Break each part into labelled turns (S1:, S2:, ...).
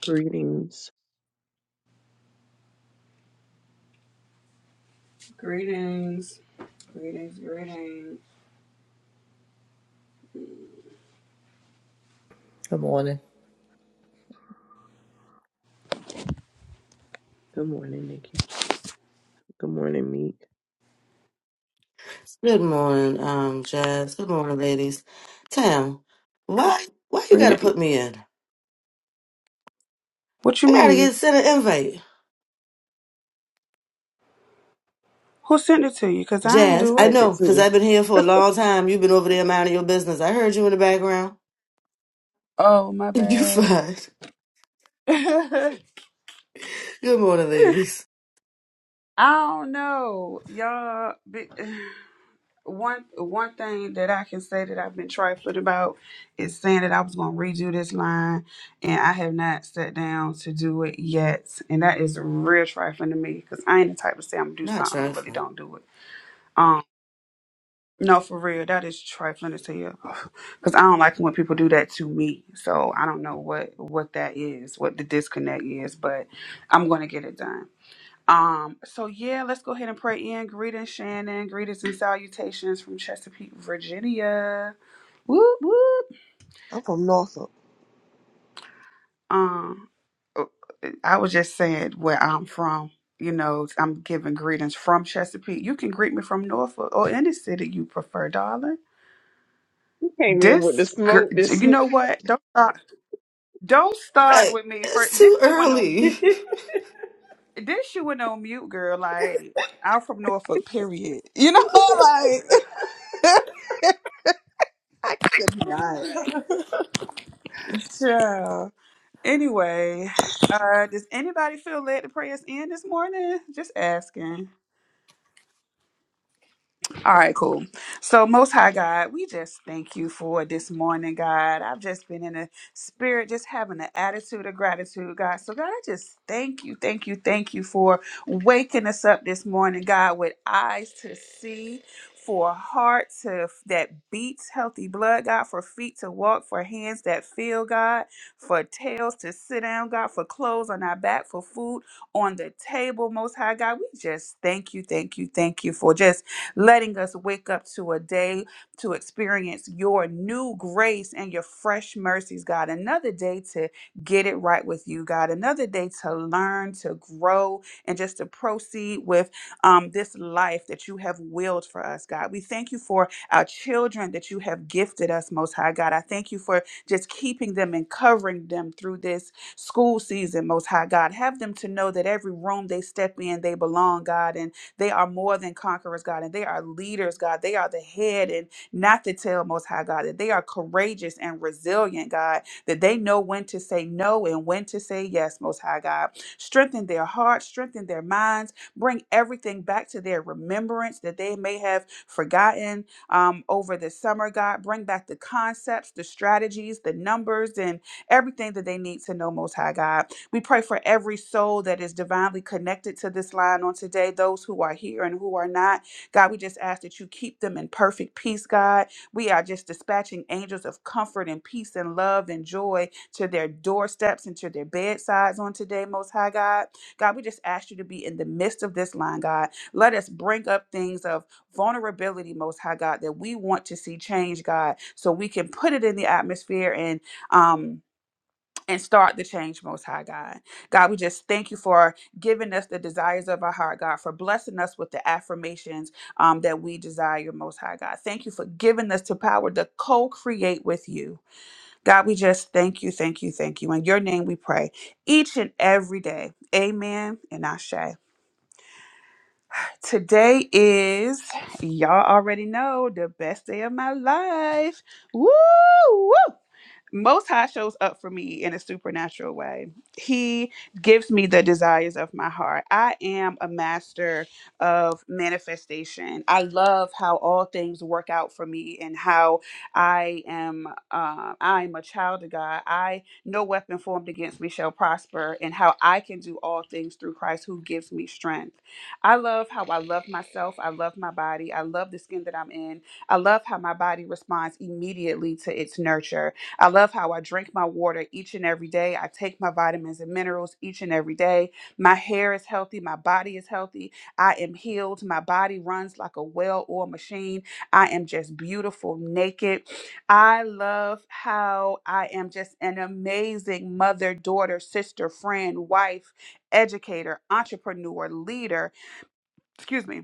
S1: Greetings.
S2: Greetings, greetings, greetings.
S3: Good morning.
S1: Good morning, Nikki. Good morning, Meek.
S4: Good morning, um, Jazz. Good morning, ladies. Tam, why why you
S2: Read
S4: gotta
S2: it.
S4: put me in?
S2: What you
S4: I gotta
S2: mean?
S4: get sent an invite.
S2: Who sent it to you? Cause I ain't
S1: I
S4: Jazz,
S2: do
S4: I
S2: it.
S1: slept it
S4: know, cause
S1: too.
S4: I've been here for a long time. You've been over there minding your business. I heard you in the background.
S2: Oh my
S4: You
S2: bad.
S4: fine.
S2: I
S4: Good morning, ladies.
S2: don't know, y'all. be- One one thing that I can say that I've been trifling about is saying that I was gonna redo this line, and I have not sat down to do it yet, and that is real trifling to me because I ain't the type to say I'm gonna do
S4: Not
S2: something and really
S4: trifling.
S2: don't do it. Um, No, for real, that is trifling to you. Because I don't like when people do that to me. So I don't know what what that is, what the disconnect is, but I'm gonna get it done. Um, so yeah, let's go ahead and pray in. Greetings, Shannon. Greetings and salutations from Chesapeake, Virginia. Whoop whoop.
S5: I'm from Northrop.
S2: Um, uh, I was just saying where I'm from. You know, I'm giving greetings from Chesapeake. You can greet me from Norfolk or any city you prefer, darling.
S1: You came in with the
S2: This girl,
S1: smoke this
S2: you
S1: morning.
S2: know what? Don't start. Don't start
S4: Like,
S2: with me first.
S4: it's
S2: This
S4: too
S2: you went on mute.
S4: early.
S2: This you went on mute, girl. Like I'm from Norfolk. Period. You know, like I could not. Child. Anyway, uh, does anybody feel led to pray us in this morning? Just asking. All right, cool. So, Most High God, we just thank you for this morning, God. I've just been in a spirit, just having an attitude of gratitude, God. So, God, I just thank you, thank you, thank you for waking us up this morning, God, with eyes to see. For a heart to that beats healthy blood, God, for feet to walk, for hands that feel, God, for tails to sit down, God, for clothes on our back, for food on the table, Most High God. We just thank you, thank you, thank you for just letting us wake up to a day to experience your new grace and your fresh mercies, God. Another day to get it right with you, God. Another day to learn, to grow, and just to proceed with um, this life that you have willed for us, God. We thank you for our children that you have gifted us, Most High God. I thank you for just keeping them and covering them through this school season, Most High God. Have them to know that every room they step in, they belong, God. And they are more than conquerors, God, and they are leaders, God. They are the head and not the tail, Most High God. That they are courageous and resilient, God. That they know when to say no and when to say yes, Most High God. Strengthen their hearts, strengthen their minds, bring everything back to their remembrance that they may have forgotten um, over the summer, God. Bring back the concepts, the strategies, the numbers, and everything that they need to know, Most High God. We pray for every soul that is divinely connected to this line on today, those who are here and who are not. God, we just ask that you keep them in perfect peace, God. We are just dispatching angels of comfort and peace and love and joy to their doorsteps and to their bedsides on today, Most High God. God, we just ask you to be in the midst of this line, God. Let us bring up things of vulnerability, Most High God, that we want to see change, God, so we can put it in the atmosphere and, um, and start the change, Most High God. God, we just thank you for giving us the desires of our heart, God, for blessing us with the affirmations um, that we desire, Most High God. Thank you for giving us the power to co create with you. God, we just thank you, thank you, thank you. In your name we pray each and every day. Amen and Ashe. Today is, y'all already know, the best day of my life. Woo! woo. Most High shows up for me in a supernatural way. He gives me the desires of my heart. I am a master of manifestation. I love how all things work out for me and how I am. Uh, I am a child of God. I no weapon formed against me shall prosper, and how I can do all things through Christ who gives me strength. I love how I love myself. I love my body. I love the skin that I'm in. I love how my body responds immediately to its nurture. I love how I drink my water each and every day. I take my vitamins and minerals each and every day. My hair is healthy. My body is healthy. I am healed. My body runs like a well oiled machine. I am just beautiful, naked. I love how I am just an amazing mother, daughter, sister, friend, wife, educator, entrepreneur, leader. Excuse me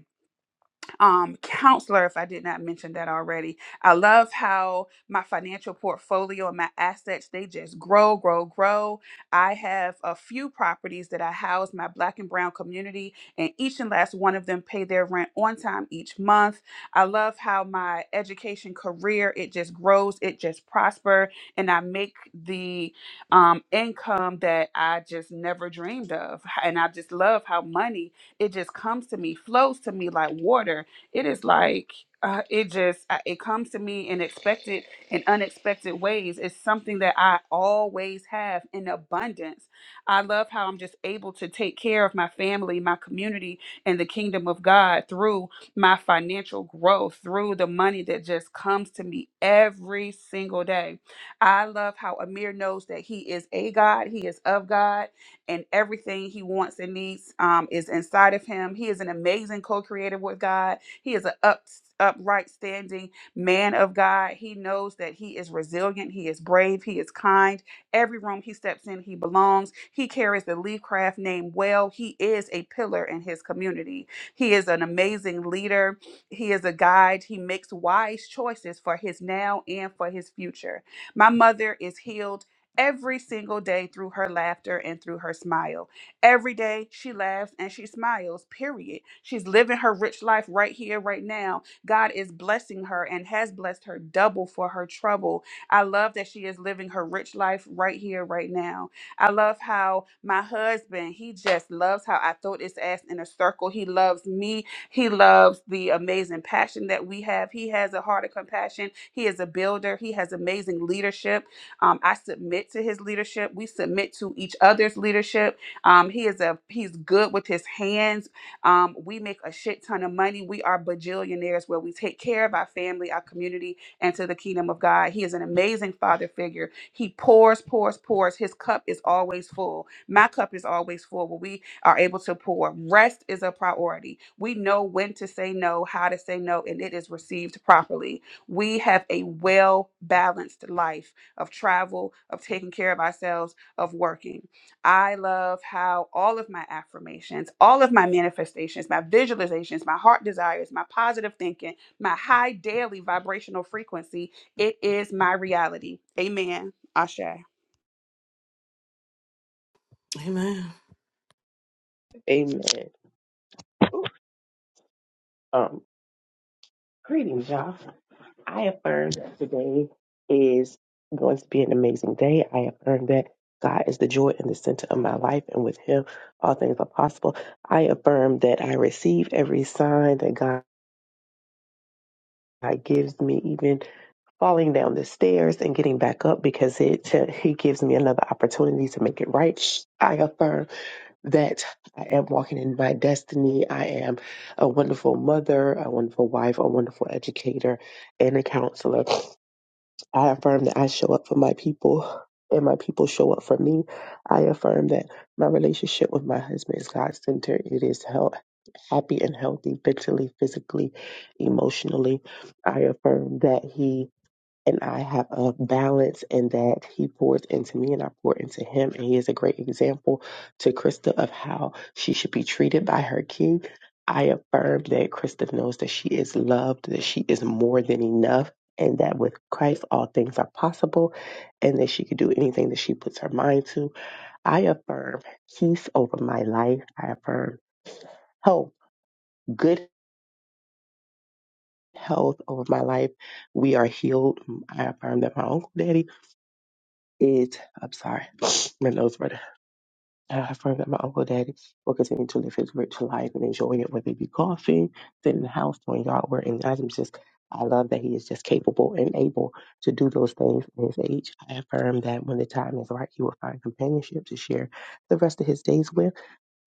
S2: um, counselor, if I did not mention that already. I love how my financial portfolio and my assets, they just grow, grow, grow. I have a few properties that I house my black and brown community, and each and last one of them pay their rent on time each month. I love how my education career, it just grows, it just prosper, and I make the um, income that I just never dreamed of. And I just love how money, it just comes to me, flows to me like water it is like uh, it just I- it comes to me in expected and unexpected ways it's something that i always have in abundance i love how i'm just able to take care of my family my community and the kingdom of god through my financial growth through the money that just comes to me every single day i love how amir knows that he is a god he is of god and everything he wants and needs um, is inside of him he is an amazing co-creator with god he is an up, upright standing man of God. He knows that he is resilient, he is brave, he is kind. Every room he steps in, he belongs. He carries the Leafcraft name well. He is a pillar in his community. He is an amazing leader. He is a guide. He makes wise choices for his now and for his future. My mother is healed every single day through her laughter and through her smile. Every day she laughs and she smiles, period. She's living her rich life right here, right now. God is blessing her and has blessed her double for her trouble. I love that she is living her rich life right here, right now. I love how my husband, he just loves how I throw this ass in a circle. He loves me. He loves the amazing passion that we have. He has a heart of compassion. He is a builder. He has amazing leadership. Um, I submit to his leadership. We submit to each other's leadership um, he is a he's good with his hands. Um, we make a shit ton of money. We are bajillionaires where we take care of our family, our community, and to the kingdom of God. He is an amazing father figure. He pours, pours, pours. His cup is always full. My cup is always full. Where we are able to pour. Rest is a priority. We know when to say no, how to say no, and it is received properly. We have a well balanced life of travel, of taking care of ourselves, of working. I love how all of my affirmations, all of my manifestations, my visualizations, my heart desires, my positive thinking, my high daily vibrational frequency, it is my reality. Amen. Ashe.
S4: Amen.
S1: Amen. Um, greetings, y'all. I affirm that today is going to be an amazing day. I affirm that God is the joy and the center of my life, and with Him, all things are possible. I affirm that I receive every sign that God gives me, even falling down the stairs and getting back up, because it He gives me another opportunity to make it right. I affirm. that I am walking in my destiny. I am a wonderful mother, a wonderful wife, a wonderful educator, and a counselor. I affirm that I show up for my people and my people show up for me. I affirm that my relationship with my husband is God centered. It is hel- happy and healthy mentally, physically, emotionally. I affirm that he and I have a balance in that he pours into me and I pour into him. And he is a great example to Krista of how she should be treated by her king. I affirm that Krista knows that she is loved, that she is more than enough, and that with Christ all things are possible, and that she can do anything that she puts her mind to. I affirm peace over my life. I affirm health, good health over my life. We are healed. I affirm that my uncle daddy It, I'm sorry, my nose running. I affirm that my uncle daddy will continue to live his rich life and enjoy it, whether it be golfing, sitting in the house, doing yard work. And I'm just, I love that he is just capable and able to do those things in his age. I affirm that when the time is right, he will find companionship to share the rest of his days with.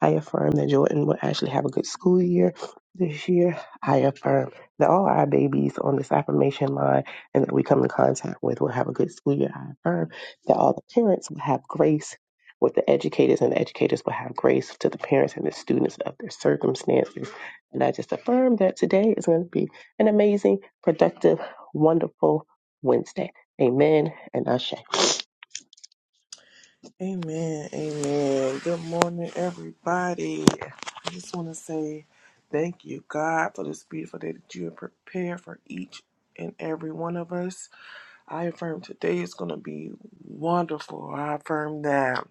S1: I affirm that Jordan will actually have a good school year this year. I affirm that all our babies on this affirmation line and that we come in contact with will have a good school year. I affirm that all the parents will have grace with the educators and the educators will have grace to the parents and the students of their circumstances. And I just affirm that today is going to be an amazing, productive, wonderful Wednesday. Amen and Ashe.
S5: Amen. Amen. Good morning, everybody. I just want to say thank you, God, for this beautiful day that you have prepared for each and every one of us. I affirm today is going to be wonderful. I affirm that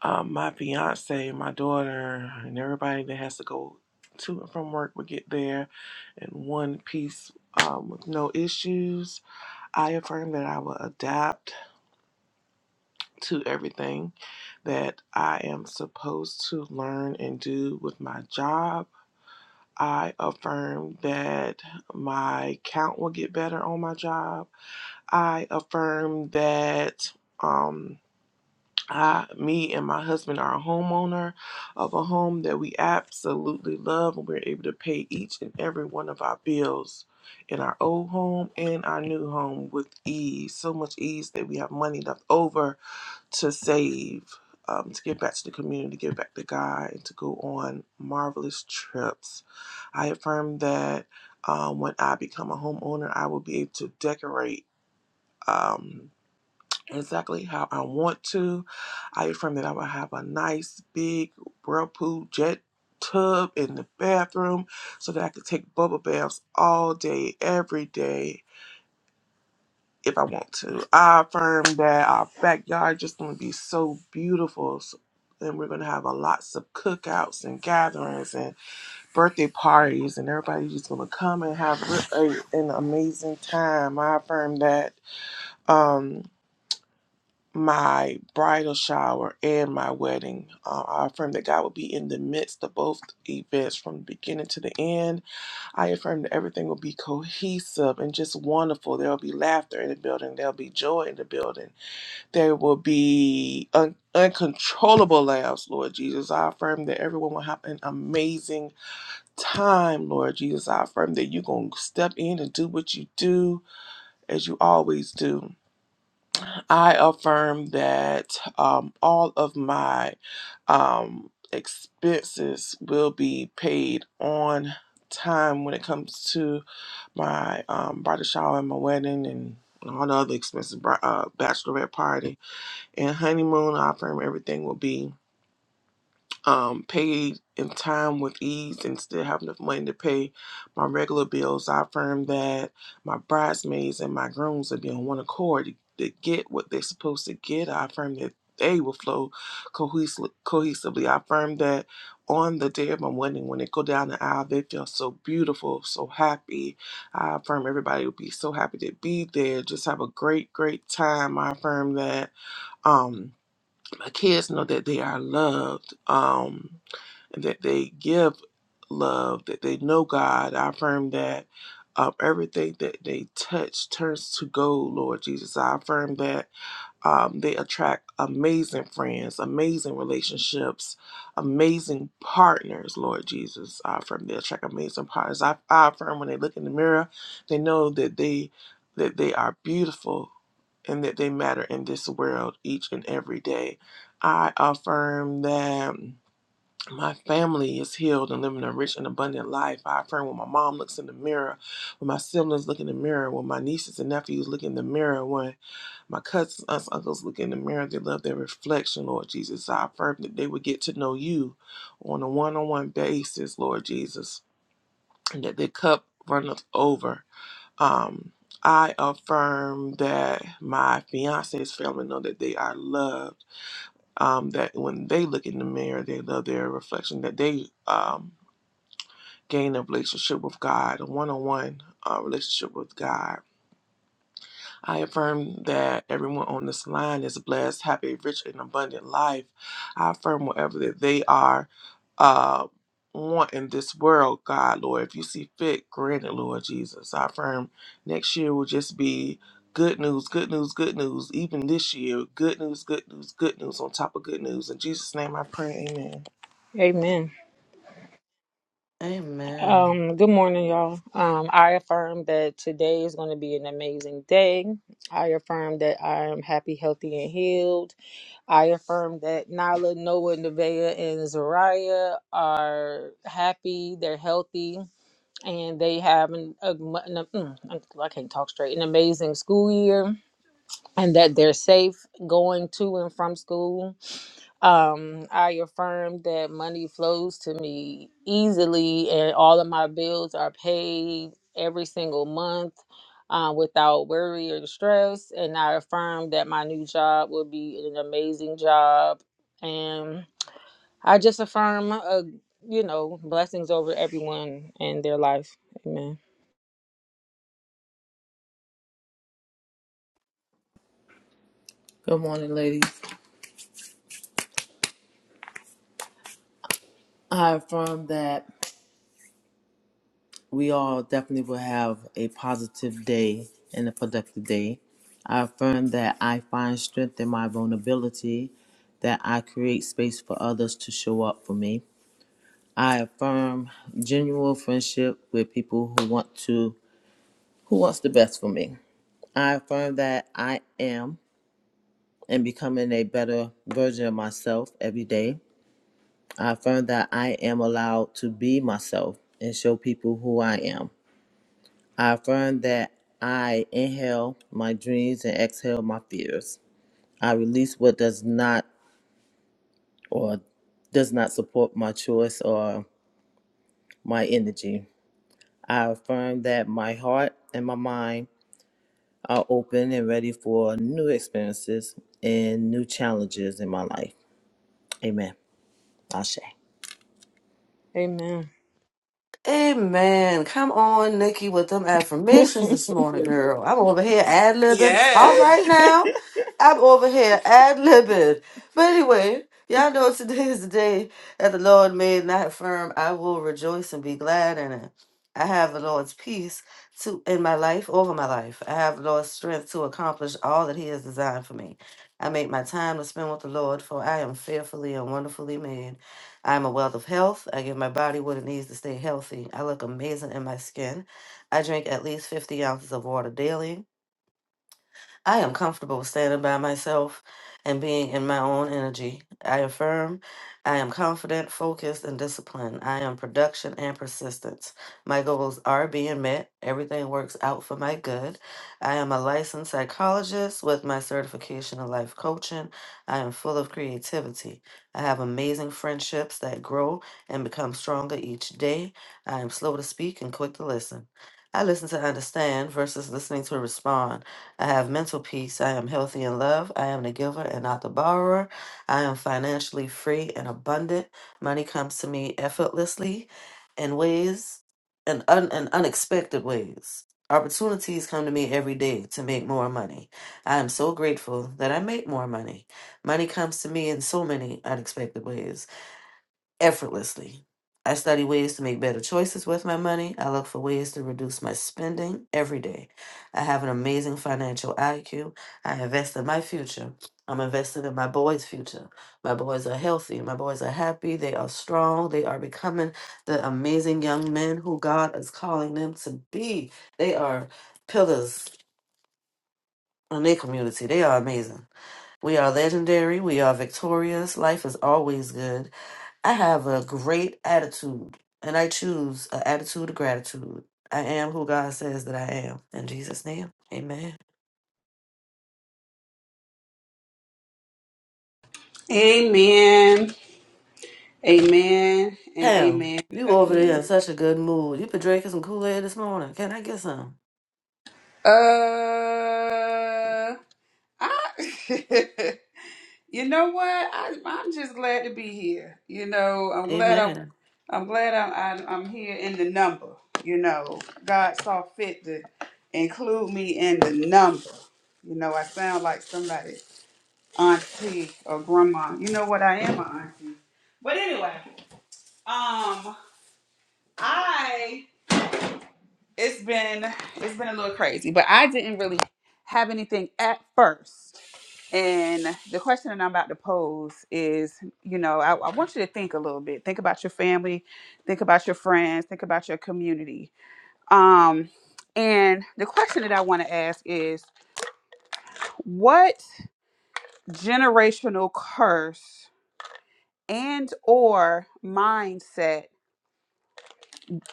S5: um, my fiance, my daughter, and everybody that has to go to and from work will get there in one piece um, with no issues. I affirm that I will adapt to everything that I am supposed to learn and do with my job. I affirm that my count will get better on my job. I affirm that um, I, me and my husband are a homeowner of a home that we absolutely love, and we're able to pay each and every one of our bills in our old home and our new home with ease. So much ease that we have money left over to save, um, to give back to the community, give back to God, and to go on marvelous trips. I affirm that um, when I become a homeowner, I will be able to decorate um, exactly how I want to. I affirm that I will have a nice big whirlpool jet tub in the bathroom so that I could take bubble baths all day, every day if I want to. I affirm that our backyard just gonna be so beautiful, s- and we're gonna have a lots of cookouts and gatherings and birthday parties, and everybody's just gonna come and have re- a, an amazing time. I affirm that um, my bridal shower and my wedding. Uh, I affirm that God will be in the midst of both events from the beginning to the end. I affirm that everything will be cohesive and just wonderful. There will be laughter in the building. There will be joy in the building there will be un- uncontrollable laughs, Lord Jesus. I affirm that everyone will have an amazing time, Lord Jesus. I affirm that you're going to step in and do what you do as you always do. I affirm that um, all of my um, expenses will be paid on time when it comes to my um, bridal shower and my wedding and all the other expenses, bri- uh, bachelorette party and honeymoon, I affirm everything will be um, paid in time with ease and still have enough money to pay my regular bills. I affirm that my bridesmaids and my grooms will be on one accord to, to get what they're supposed to get. I affirm that they will flow cohesively. cohesively. I affirm that on the day of my wedding, when they go down the aisle, they feel so beautiful, so happy. I affirm everybody will be so happy to be there. Just have a great, great time. I affirm that. Um, my kids know that they are loved um, and that they give love, that they know God. I affirm that um, everything that they touch turns to gold, Lord Jesus. I affirm that um, they attract amazing friends, amazing relationships, amazing partners, Lord Jesus. I affirm they attract amazing partners. I, I affirm when they look in the mirror, they know that they that they are beautiful and that they matter in this world each and every day. I affirm that my family is healed and living a rich and abundant life. I affirm when my mom looks in the mirror, when my siblings look in the mirror, when my nieces and nephews look in the mirror, when. My cousins, aunts, uncles look in the mirror. They love their reflection, Lord Jesus. I affirm that they would get to know you on a one on one basis, Lord Jesus, and that their cup runneth over. Um, I affirm that my fiance's family know that they are loved. Um, that when they look in the mirror, they love their reflection, that they um, gain a relationship with God, a one on one relationship with God I affirm that everyone on this line is blessed, have a rich and abundant life. I affirm whatever that they are uh, want in this world, God, Lord. If you see fit, grant it, Lord Jesus. I affirm next year will just be good news, good news, good news. Even this year, good news, good news, good news on top of good news. In Jesus' name I pray, amen.
S6: Amen.
S4: Amen.
S6: Um, good morning, y'all. Um, I affirm that today is going to be an amazing day. I affirm that I am happy, healthy, and healed. I affirm that Nala, Noah, Nevaeh, and Zariah are happy, they're healthy, and they have an, a, mu- an- mm, I can't talk straight, an amazing school year, and that they're safe going to and from school Um, I affirm that money flows to me easily and all of my bills are paid every single month uh, without worry or stress. And I affirm that my new job will be an amazing job. And I just affirm, uh, you know, blessings over everyone and their life. Amen.
S3: Good morning, ladies. I affirm that we all definitely will have a positive day and a productive day. I affirm that I find strength in my vulnerability, that I create space for others to show up for me. I affirm genuine friendship with people who want to who wants the best for me. I affirm that I am and becoming a better version of myself every day. I affirm that I am allowed to be myself and show people who I am. I affirm that I inhale my dreams and exhale my fears. I release what does not or does not support my choice or my energy. I affirm that my heart and my mind are open and ready for new experiences and new challenges in my life. Amen. Ashe.
S6: Amen.
S4: Amen. Come on, Nikki, with them affirmations this morning, girl. I'm over here ad libbing. All
S2: Yes.
S4: right
S3: I
S4: now, I'm over here ad libbing. But anyway, y'all know today is the day that the Lord made, not firm. I will rejoice and be glad in it. I have the Lord's peace to in my life, over my life. I have the Lord's strength to accomplish all that He has designed for me. I make my time to spend with the Lord, for I am fearfully and wonderfully made. I am a wealth of health. I give my body what it needs to stay healthy. I look amazing in my skin. I drink at least 50 ounces of water daily. I am comfortable standing by myself and being in my own energy. I affirm I am confident, focused, and disciplined. I am production and persistence. My goals are being met. Everything works out for my good. I am a licensed psychologist with my certification in life coaching. I am full of creativity. I have amazing friendships that grow and become stronger each day. I am slow to speak and quick to listen. I listen to understand versus listening to respond. I have mental peace. I am healthy in love. I am the giver and not the borrower. I am financially free and abundant. Money comes to me effortlessly in ways and un- in unexpected ways. Opportunities come to me every day to make more money. I am so grateful that I make more money. Money comes to me in so many unexpected ways effortlessly. I study ways to make better choices with my money. I look for ways to reduce my spending every day. I have an amazing financial IQ. I invest in my future. I'm invested in my boys' future. My boys are healthy. My boys are happy. They are strong. They are becoming the amazing young men who God is calling them to be. They are pillars in their community. They are amazing. We are legendary. We are victorious. Life is always good. I have a great attitude, and I choose an attitude of gratitude. I am who God says that I am. In Jesus' name, amen.
S2: Amen. Amen. And
S4: Pam,
S2: amen
S4: you over there
S2: again.
S4: in such a good mood. You been drinking some Kool Aid this morning. Can I get some?
S2: Uh, I, You know what? I, I'm just glad to be here. You know, I'm glad I,
S4: Amen.
S2: I'm glad I'm I, I'm here in the number. You know, God saw fit to include me in the number. You know, I sound like somebody auntie or grandma. You know what? I am an auntie. But anyway, um, I it's been it's been a little crazy, but I didn't really have anything at first. And the question that I'm about to pose is, you know, I, I want you to think a little bit. Think about your family, think about your friends, think about your community. Um, and the question that I want to ask is, what generational curse and or mindset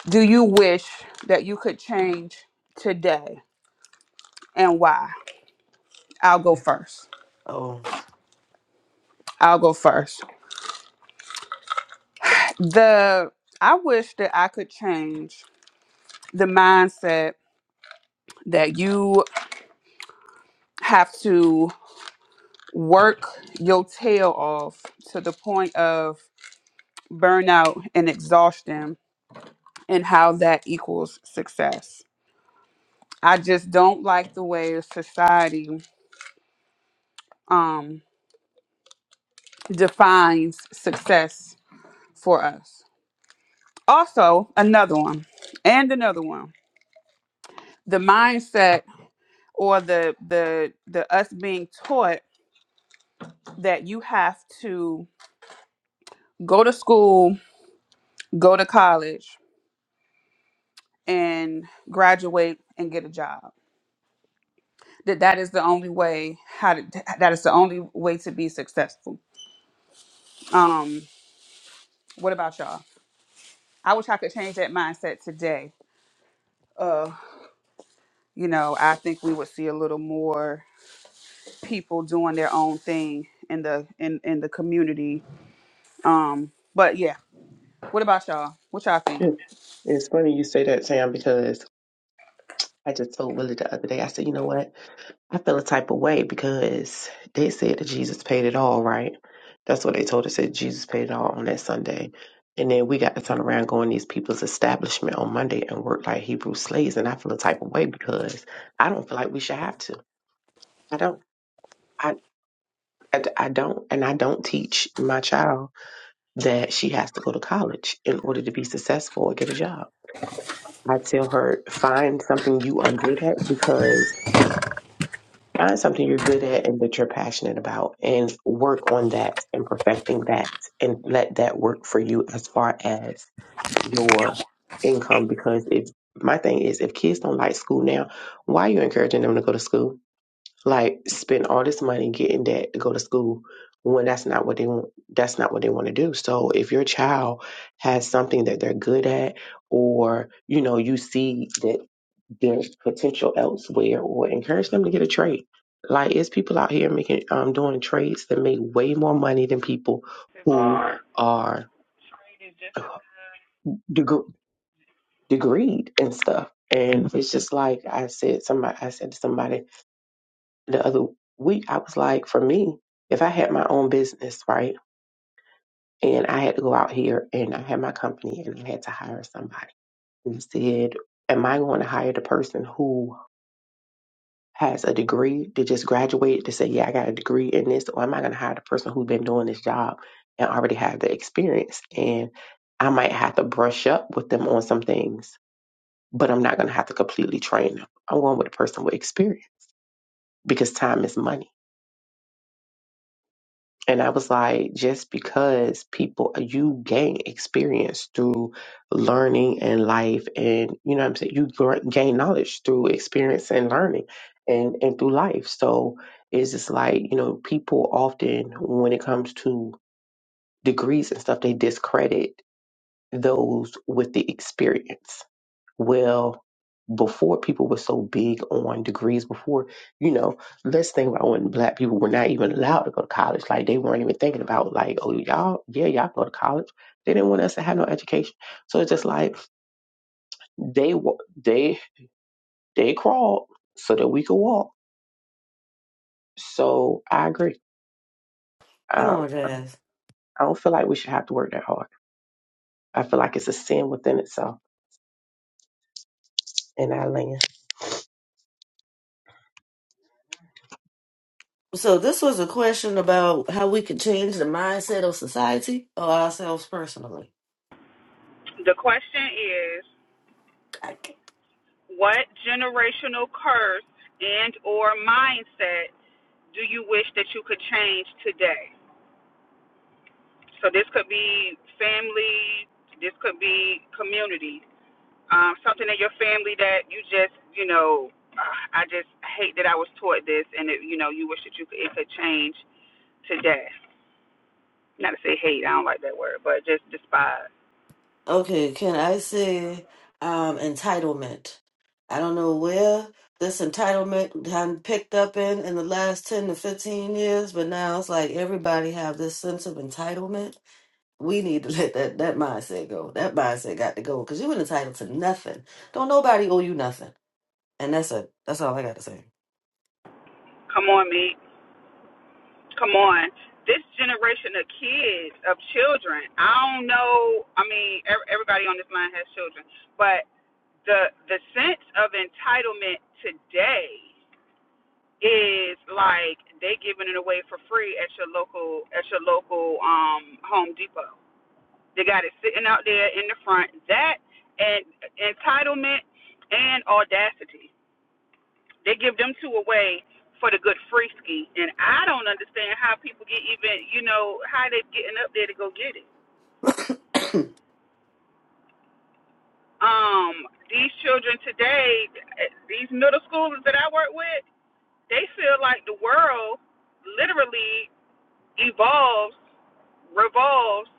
S2: do you wish that you could change today and why? I'll go first.
S4: Oh,
S2: I'll go first. The I wish that I could change the mindset that you have to work your tail off to the point of burnout and exhaustion and how that equals success. I just don't like the way society um, defines success for us. Also, another one and another one. The mindset or the the the us being taught that you have to go to school, go to college, and graduate and get a job. That that is the only way how to, that is the only way to be successful. Um, what about y'all? I wish I could change that mindset today. Uh, you know, I think we would see a little more people doing their own thing in the in in the community. Um, but yeah, what about y'all? What y'all think?
S1: It- It's funny you say that, Sam, because I just told Willie the other day, I said, you know what? I feel a type of way because they said that Jesus paid it all, right? That's what they told us that Jesus paid it all on that Sunday. And then we got to turn around going these people's establishment on Monday and work like Hebrew slaves. And I feel a type of way because I don't feel like we should have to. I don't. I, I, I don't. And I don't teach my child that she has to go to college in order to be successful or get a job. I tell her, find something you are good at because Find something you're good at and that you're passionate about and work on that and perfecting that and let that work for you as far as your income. Because if my thing is, if kids don't like school now, why are you encouraging them to go to school? Like spend all this money getting that to go to school when that's not what they want. That's not what they want to do. So if your child has something that they're good at or, you know, you see that there's potential elsewhere or encourage them to get a trade. Like it's people out here making um doing trades that make way more money than people who
S2: Alright.
S1: are deg- degreed and stuff. And it's just like I said somebody I said to somebody the other week, I was like, for me, if I had my own business, right, and I had to go out here and I had my company and I had to hire somebody and I said, Am I going to hire the person who has a degree to just graduate to say, yeah, I got a degree in this, or I'm not going to hire the person who's been doing this job and already have the experience. And I might have to brush up with them on some things, but I'm not going to have to completely train them. I'm going with a person with experience because time is money. And I was like, just because people, you gain experience through learning and life. And, you know what I'm saying? You gr- gain knowledge through experience and learning and, and through life. So it's just like, you know, people often, when it comes to degrees and stuff, they discredit those with the experience well, before people were so big on degrees, before, you know, let's think about when black people were not even allowed to go to college. Like they weren't even thinking about like, oh y'all, yeah, y'all go to college. They didn't want us to have no education. So it's just like they wa- they they crawled so that we could walk. So I agree.
S4: come
S1: I,
S4: on, Jazz.
S1: I don't feel like we should have to work that hard. I feel like it's a sin within itself. And I land.
S4: So, this was a question about how we could change the mindset of society or ourselves personally.
S2: The question is, what generational curse and or mindset do you wish that you could change today? So this could be family, this could be community, um, something in your family that you just, you know, "Ah, I just hate that I was taught this, and it, you know, you wish that you could, it could change today. Not to say hate, I don't like that word, but just despise.
S4: Okay, can I say um entitlement? I don't know where this entitlement had picked up in in the last 10 to 15 years, but now it's like everybody have this sense of entitlement. We need to let that, that mindset go. That mindset got to go because you're entitled to nothing. Don't nobody owe you nothing. And that's it. That's all I got to say.
S2: Come on, me. Come on. This generation of kids, of children, I don't know. I mean, everybody on this line has children, but the the sense of entitlement today is like they giving it away for free at your local at your local um Home Depot. They got it sitting out there in the front. That and entitlement and audacity. They give them two away for the good free ski. And I don't understand how people get even you know, how they getting up there to go get it. Um, these children today, eh, these middle schoolers that I work with, They feel like the world literally evolves, revolves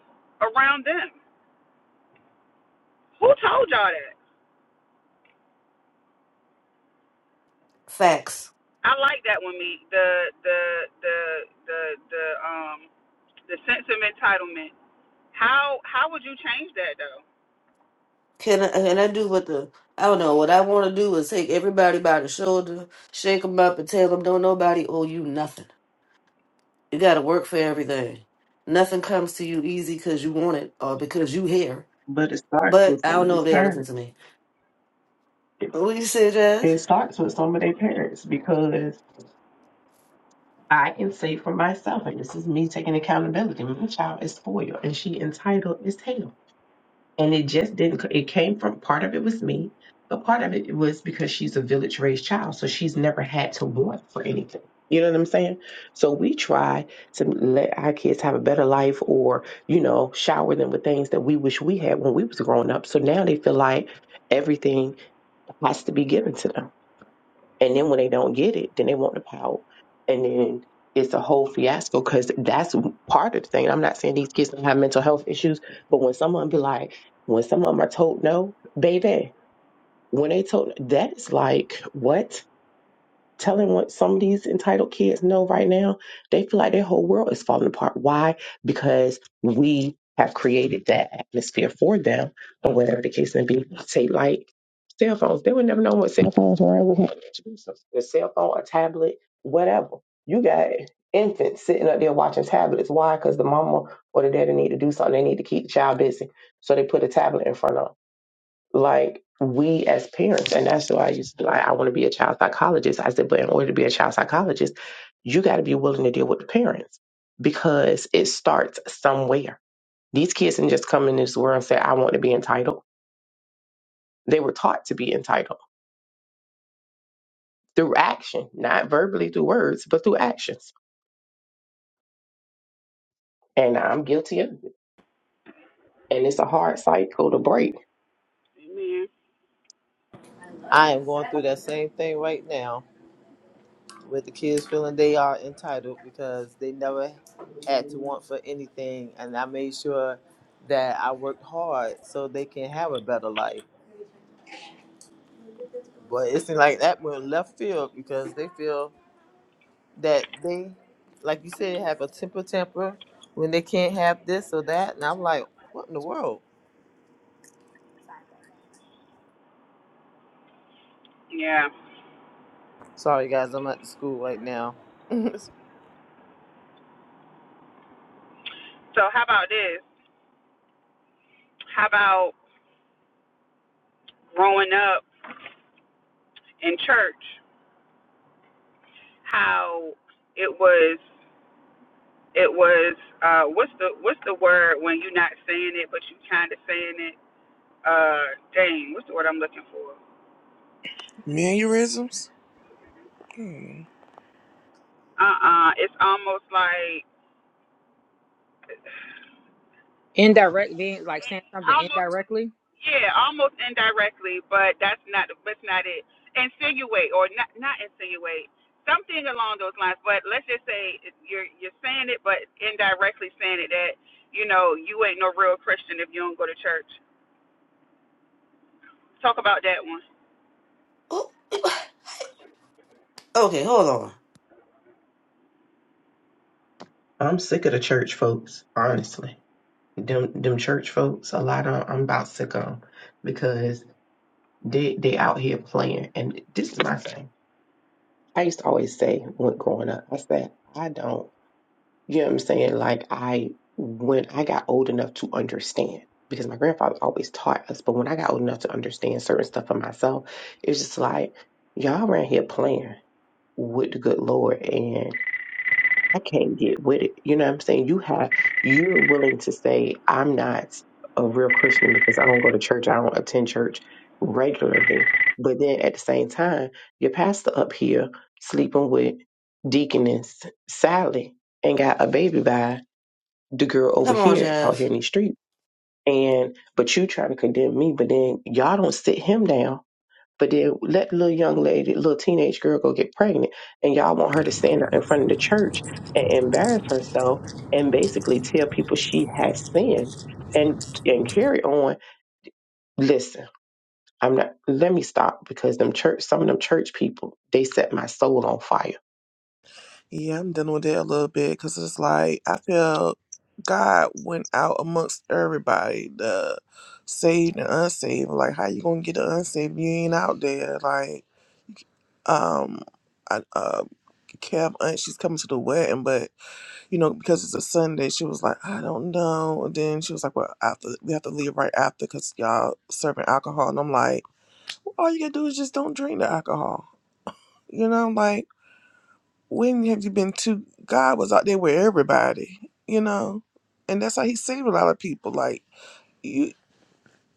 S2: around them. Who told y'all that?
S4: Facts.
S2: I like that one, me. The the the the the um the sense of entitlement. How how would you change that though?
S4: Can I, can I do what the, I don't know, what I want to do is take everybody by the shoulder, shake them up and tell them don't nobody owe you nothing. You got to work for everything. Nothing comes to you easy because you want it or because you here.
S1: But it starts
S4: But
S1: with
S4: I
S1: some
S4: don't
S1: of
S4: know
S1: their
S4: if they'll listen
S1: parents.
S4: to me.
S1: It,
S4: What you say, Jazz?
S1: it starts with some of their parents because I can say for myself, and this is me taking accountability, my child is spoiled and she entitled is hell. and it just didn't c- it came from part of it was me but part of it was because she's a village raised child so she's never had to want for anything you know what i'm saying so we try to let our kids have a better life or you know shower them with things that we wish we had when we was growing up so now they feel like everything has to be given to them and then when they don't get it, then they want the pout. And then it's a whole fiasco because that's part of the thing. I'm not saying these kids don't have mental health issues, but when someone be like, when some of them are told no, baby, when they told that is like what? telling what some of these entitled kids know right now, they feel like their whole world is falling apart. Why? Because we have created that atmosphere for them, or whatever the case may be. Say like cell phones, they would never know what cell phones were ever handed A cell phone, a tablet, whatever. You got infants sitting up there watching tablets. Why? Because the mama or the daddy need to do something. They need to keep the child busy, so they put a tablet in front of 'em like we as parents, and that's why I used to be like, I want to be a child psychologist. I said, but in order to be a child psychologist, you got to be willing to deal with the parents because it starts somewhere. These kids didn't just come in this world and say, I want to be entitled. They were taught to be entitled through action, not verbally through words, but through actions. And I'm guilty of it. And it's a hard cycle to break
S3: am going through
S1: Oh.
S3: that same thing right now. with the kids feeling they are entitled because they never had to want for anything and I made sure that I worked hard so they can have a better life. But it seems like that went left field because they feel that they, like you said, have a temper temper when they can't have this or that. And I'm like, what in the world? Sorry guys, I'm at the school right now. oh, I
S2: It is. How about growing up in church? How it was. It was uh, what's the what's the word when you're not saying it but you kind of saying it? Uh, dang, what's the word I'm looking for?
S5: Mannerisms?
S2: Uh-uh, it's almost like
S6: Indirect, being like saying something
S2: almost
S6: indirectly,
S2: yeah, almost indirectly, but that's not that's not it. Insinuate or not not insinuate something along those lines. But let's just say you're you're saying it, but indirectly saying it that you know you ain't no real Christian if you don't go to church. Talk about that one.
S4: Oh, okay, hold on.
S1: I'm sick of the church folks, honestly. Them them church folks, a lot of I'm about sick of 'em because they they out here playing. And this is my thing. I used to always say when growing up, I said I don't. You know what I'm saying? Like I when I got old enough to understand, because my grandfather always taught us, but when I got old enough to understand certain stuff for myself, it was just like, y'all around here playing with the good Lord and I can't get with it. You know what I'm saying? You have you're willing to say, I'm not a real Christian because I don't go to church, I don't attend church regularly. But then at the same time, your pastor up here sleeping with Deaconess Sally and got a baby by the girl over
S4: Come on,
S1: here out
S4: Jazz.
S1: here in these streets. And but you try to condemn me, but then y'all don't sit him down. But then let the little young lady, little teenage girl go get pregnant, and y'all want her to stand out in front of the church and embarrass herself and basically tell people she has sinned and and carry on. Listen, I'm not let me stop because them church some of them church people, they set my soul on fire.
S5: Yeah, I'm dealing with it a little bit because it's like I feel God went out amongst everybody, the saved and unsaved. Like, how you gonna get the unsaved? if You ain't out there. Like, um, I, uh, Kev aunt, she's coming to the wedding, but you know because it's a Sunday, she was like, I don't know. And then she was like, Well, after we have to leave right after because y'all serving alcohol, and I'm like, all you gotta do is just don't drink the alcohol. You know, like when have you been to god was out there with everybody you know and that's how he saved a lot of people like you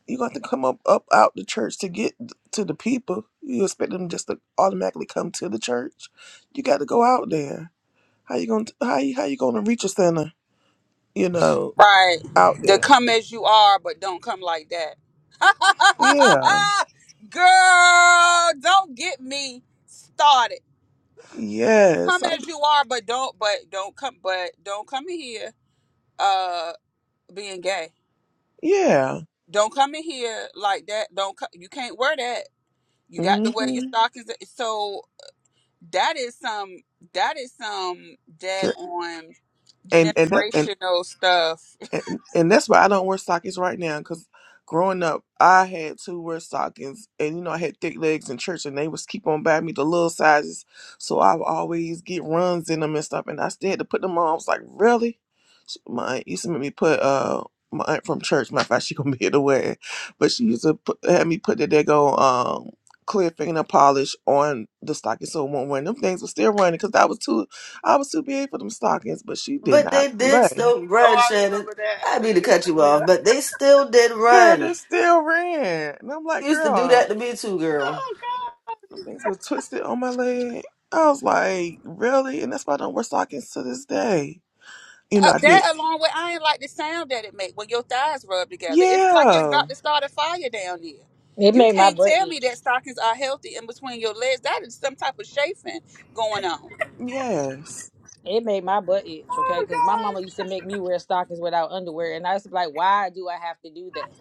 S5: you got to come up up out the church to get to the people you expect them just to automatically come to the church you got to go out there how you gonna how you, how you gonna reach a sinner you know
S2: Right.
S5: out
S2: The
S5: there
S2: come as you are, but don't come like that.
S5: yeah
S2: Girl, don't get me started.
S5: yes
S2: Come
S5: I-
S2: as you are, but don't but don't come but don't come in here uh being gay.
S5: yeah
S2: Don't come in here like that. Don't co- you can't wear that. You got
S5: hmm
S2: to wear your stockings. So that is some that is some dead on
S5: and and that and
S2: generational stuff
S5: and, and that's why I don't wear stockings right now. Cause growing up, I had to wear stockings, and you know I had thick legs in church, and they was keep on buying me the little sizes, so I would always get runs in them and stuff. And I still had to put them on. I was like, really? She- My aunt used to make me put uh. My aunt from church, my fact, she gonna be able to wear it, but she used to put, have me put the dago um clear fingernail polish on the stocking so it won't run. Them things were still running because I was too, I was too big for them stockings, but she did
S4: But
S5: not
S4: they did
S5: play.
S4: still run, Shannon.
S3: remember that.
S4: I
S3: The
S4: mean to
S3: kids
S4: cut you
S3: are
S4: off,
S3: there.
S4: but they still did
S5: Girl, they
S4: run.
S5: still ran. And I'm
S4: They
S5: like,
S4: used to do
S5: girl,
S4: that to me too, girl.
S5: them things were twisted on my leg. I was like, really? And that's why I don't wear stockings to this day. You
S2: Uh,
S5: know, I did.
S2: that along with I ain't like the sound that it make when your thighs rub together. It's like it's
S5: Yeah.
S2: about to start a fire down there.
S6: it
S2: You
S6: made my
S2: can't
S6: butt
S2: tell me
S6: itch.
S2: that stockings are healthy in between your legs. That is some type of chafing going on.
S5: Yes.
S6: It made my butt itch, okay?
S3: Oh
S6: Because my mama
S3: gosh.
S6: used to make me wear stockings without underwear, and I used to be like, "Why do I have to do that?"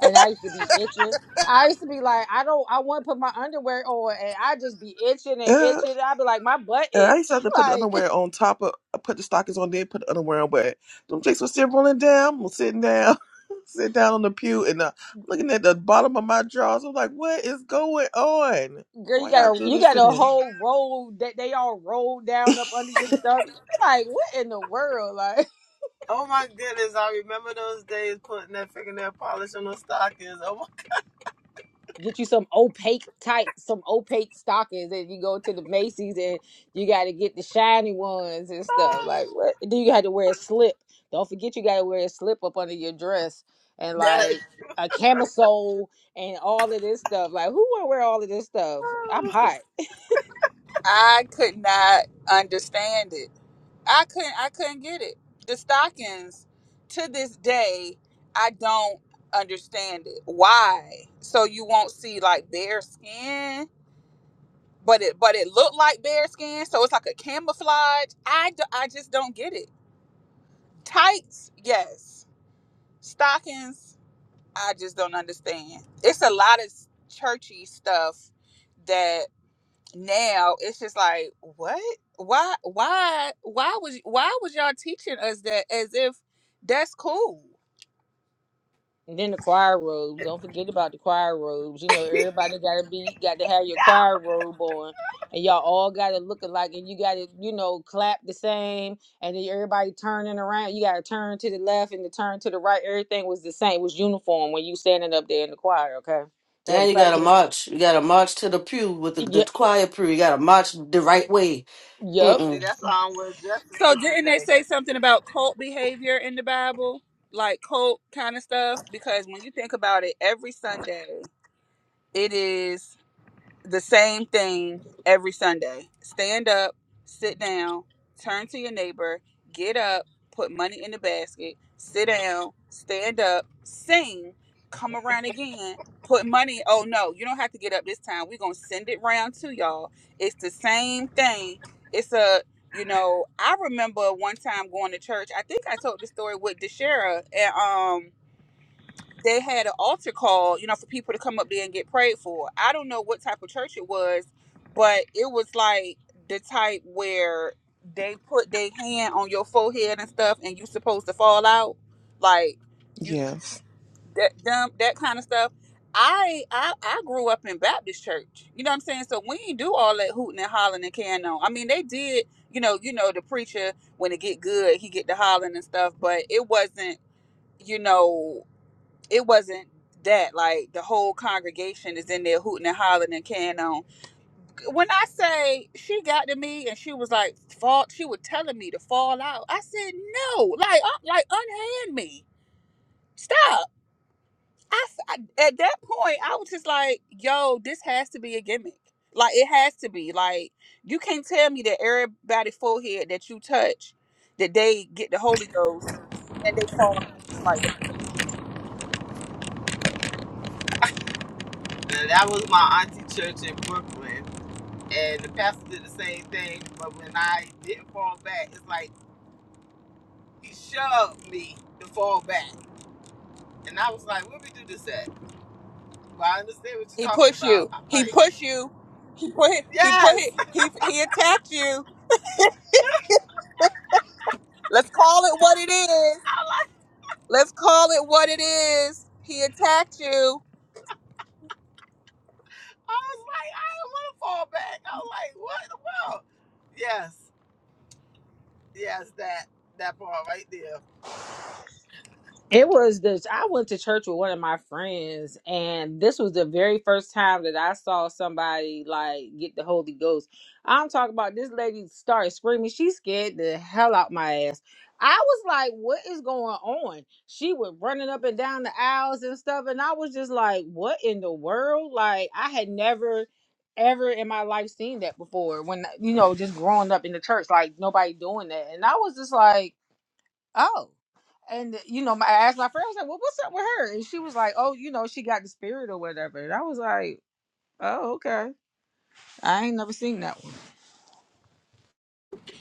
S6: And I used to be itching. I used to be like, "I don't, I want to put my underwear on," and I just be itching and
S5: Yeah.
S6: itching. I'd be like, "My butt
S5: And I
S6: itch."
S5: used to have to put the
S6: like,
S5: underwear on top of, I put the stockings on, then put the underwear on, but them jakes were still rolling down. I'm sitting down, sit down on the pew, and uh, I'm looking at the bottom of my drawers. I'm like, what is going on?
S6: girl, you
S5: Why y'all
S6: got a,
S5: do
S6: you
S5: this
S6: got
S5: to
S6: a
S5: me?
S6: whole roll that they all roll down up under your stomach. You be like, "What in the world?" like?"
S3: Oh my goodness, I remember those days putting that fingernail polish on those stockings. Oh my
S6: get you some opaque type, some opaque stockings and you go to the macy's and you got to get the shiny ones and stuff like what do you got to wear a slip don't forget you got to wear a slip up under your dress and
S3: that
S6: like a camisole and all of this stuff like who want to wear all of this stuff i'm hot
S2: I could not understand it. I couldn't. I couldn't get it. The stockings, to this day, I don't understand it. Why? So you won't see like bare skin, but it but it looked like bare skin. So it's like a camouflage. I, d- I just don't get it. Tights, yes. Stockings, I just don't understand. It's a lot of churchy stuff that now it's just like, what? Why? Why? Why was? Why was y'all teaching us that as if that's cool?
S6: And then the choir robes. Don't forget about the choir robes. You know, everybody gotta be got to have your choir robe on. And y'all all gotta look alike and you gotta, you know, clap the same and then everybody turning around. You gotta turn to the left and to turn to the right. Everything was the same, It was uniform when you standing up there in the choir, okay? You had
S4: And
S6: to Mhm.
S4: you gotta
S6: practice.
S4: march. You gotta march to the pew with the, the
S6: Yep,
S4: choir pew. You gotta march the right way.
S6: yep.
S3: see
S4: Mm-mm.
S3: that's how I'm wearing dresses
S2: So
S3: to
S2: didn't
S3: this
S2: they
S3: day.
S2: say something about cult behavior in the Bible, like cult kind of stuff? Because when you think about it, every Sunday it is. the same thing every Sunday. Stand up, sit down, turn to your neighbor, get up, put money in the basket, sit down, stand up, sing, come around again, put money. Oh no, you don't have to get up this time. We're gonna send it round to y'all. It's the same thing. It's a you know, I remember one time going to church. I think I told the story with Deshera and um they had an altar call, you know, for people to come up there and get prayed for. I don't know what type of church it was, but it was like the type where they put their hand on your forehead and stuff, and you supposed to fall out, like you
S5: Yes.
S2: that dumb that kind of stuff. I, I I grew up in Baptist church. You know what I'm saying? So we didn't do all that hooting and hollering and carrying on. I mean, they did. You know, you know the preacher when it get good, he get to hollering and stuff, but it wasn't. You know it wasn't that like the whole congregation is in there hooting and hollering and can on when i say she got to me and she was like fall she was telling me to fall out i said no like uh, like unhand me stop I, s- I- at that point i was just like yo this has to be a gimmick like it has to be like you can't tell me that everybody forehead that you touch that they get the holy ghost and they fall out just like that
S3: And that was my auntie church in Brooklyn. And the pastor did the same thing, but when I didn't fall back, it's like he shoved me to fall back. And I was like, Where we do this at? Well, I understand what you're
S2: he
S3: talking
S2: push
S3: about.
S2: you
S3: I'm
S2: he
S3: like,
S2: push you put he put
S3: Yes.
S2: he he attacked you. Let's call it what it is.
S3: I like
S2: Let's call it what it is. He attacked you.
S3: I was like, I don't wanna fall back. I was like, what in the world? Yes. Yes, that that part right there.
S6: It was this. I went to church with one of my friends, and this was the very first time that I saw somebody like get the Holy Ghost. I'm talking about this lady started screaming. She scared the hell out my ass. I was like, "What is going on?" She was running up and down the aisles and stuff, and I was just like, "What in the world?" Like I had never, ever in my life seen that before. When you know, just growing up in the church, like nobody doing that, and I was just like oh. And you know, my, I asked my friend, I was like, well, what's up with her? And she was like, oh, you know, she got the spirit or whatever. And I was like, oh, okay. I ain't never seen that one.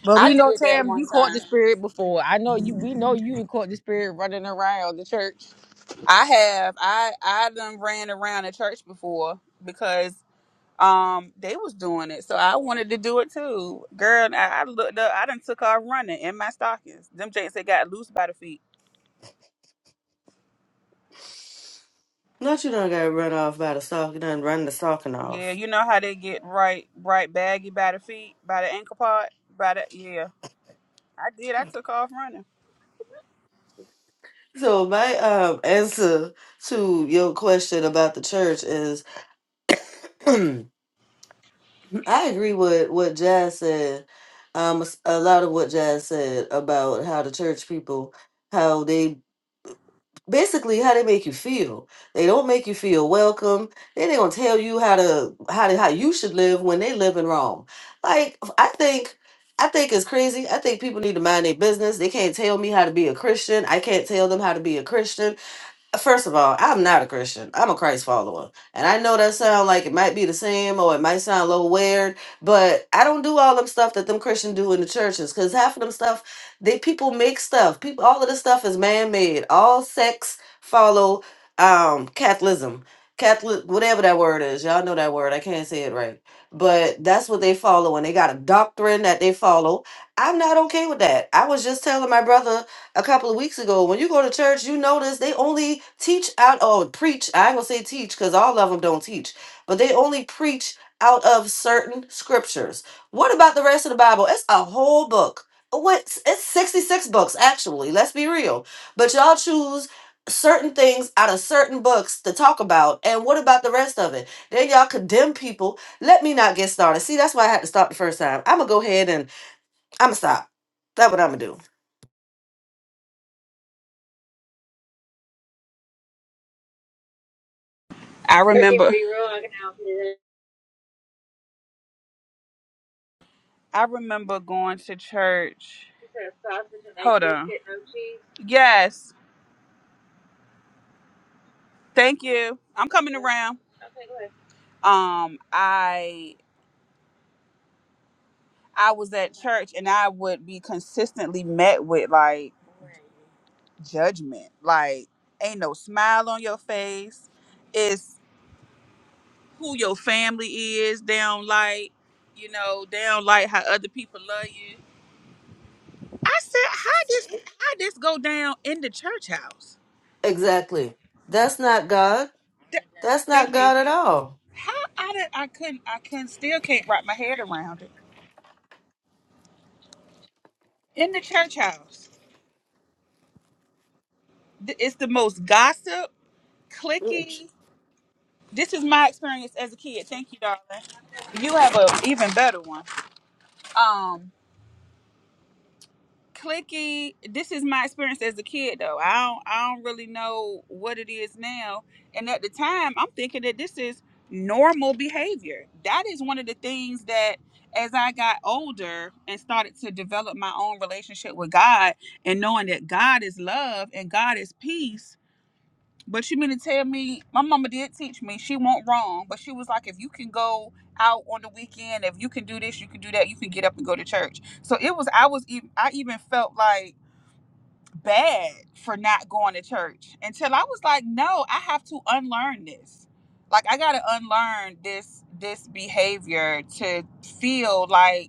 S6: But
S2: I
S6: we know,
S2: did that
S6: Tam,
S2: one
S6: you caught
S2: time.
S6: the spirit before. I know you. We know you caught the spirit running around the church.
S2: I have. I I done ran around a church before because um they was doing it, so I wanted to do it too. Girl, I, I looked up. I done took off running in my stockings. Them jakes they got loose by the feet.
S4: Not you done got run off by the sock. You done run the stocking off.
S2: Yeah, you know how they get right, right baggy by the feet, by the ankle part, by the yeah. I did. I took off running.
S4: So my um answer to your question about the church is I agree with what Jazz said. Um s- a lot of what Jazz said about how the church people how they basically how they make you feel. They don't make you feel welcome. Then they gonna tell you how to how to how you should live when they live in Rome. Like I think I think it's crazy. I think people need to mind their business. They can't tell me how to be a Christian. I can't tell them how to be a Christian. First of all, I'm not a Christian. I'm a Christ follower. And I know that sound like it might be the same or it might sound a little weird, but I don't do all them stuff that them Christians do in the churches because half of them stuff, they people make stuff. People all of this stuff is man made. All sex follow um Catholicism. Catholic whatever that word is. Y'all know that word. I can't say it right. But that's what they follow and they got a doctrine that they follow. I'm not okay with that. I was just telling my brother a couple of weeks ago. When you go to church, you notice they only teach out or preach. I ain't gonna say teach because all of them don't teach, but they only preach out of certain scriptures. What about the rest of the Bible? It's a whole book. What? It's 66 books, actually. Let's be real. But y'all choose certain things out of certain books to talk about. And what about the rest of it? Then y'all condemn people. Let me not get started. See, that's why I had to stop the first time. I'm going to go ahead and I'm going to stop. That's what I'm going to do.
S2: I remember I remember going to church. Hold on. Yes. Thank you. I'm coming around. Um I I was at church and I would be consistently met with like judgment. Like ain't no smile on your face. It's who your family is. They don't like, you know, they don't like how other people love you. I said, how this how this go down in the church house?
S4: Exactly. That's not God. That's not
S2: Thank you.
S4: God at all.
S2: How I did, I couldn't I can still can't wrap my head around it. In the church house, th- it's the most gossip,
S4: Rich.
S2: clicky. This is my experience as a kid. Thank you, darling. You have a even better one. Um. clicky this is my experience as a kid though i don't i don't really know what it is now and at the time i'm thinking that this is normal behavior that is one of the things that as i got older and started to develop my own relationship with god and knowing that god is love and god is peace but you mean to tell me my mama did teach me she won't wrong, but she was like, if you can go out on the weekend, if you can do this, you can do that, you can get up and go to church. So it was I was even I even felt like bad for not going to church until I was like, no, I have to unlearn this. Like I gotta unlearn this this behavior to feel like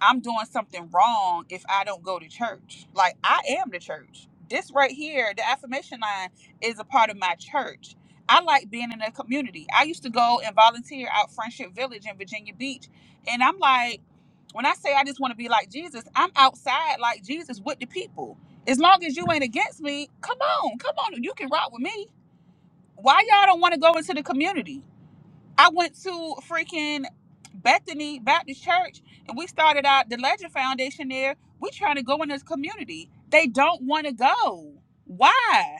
S2: I'm doing something wrong if I don't go to church. Like I am the church. This right here, the affirmation line is a part of my church. I like being in a community. I used to go and volunteer out Friendship Village in Virginia Beach. And I'm like, when I say I just want to be like Jesus, I'm outside like Jesus with the people. As long as you ain't against me, come on, come on, you can rock with me. Why y'all don't want to go into the community? I went to freaking Bethany Baptist Church and we started out the Legend Foundation there. We trying to go in this community. They don't want to go. Why?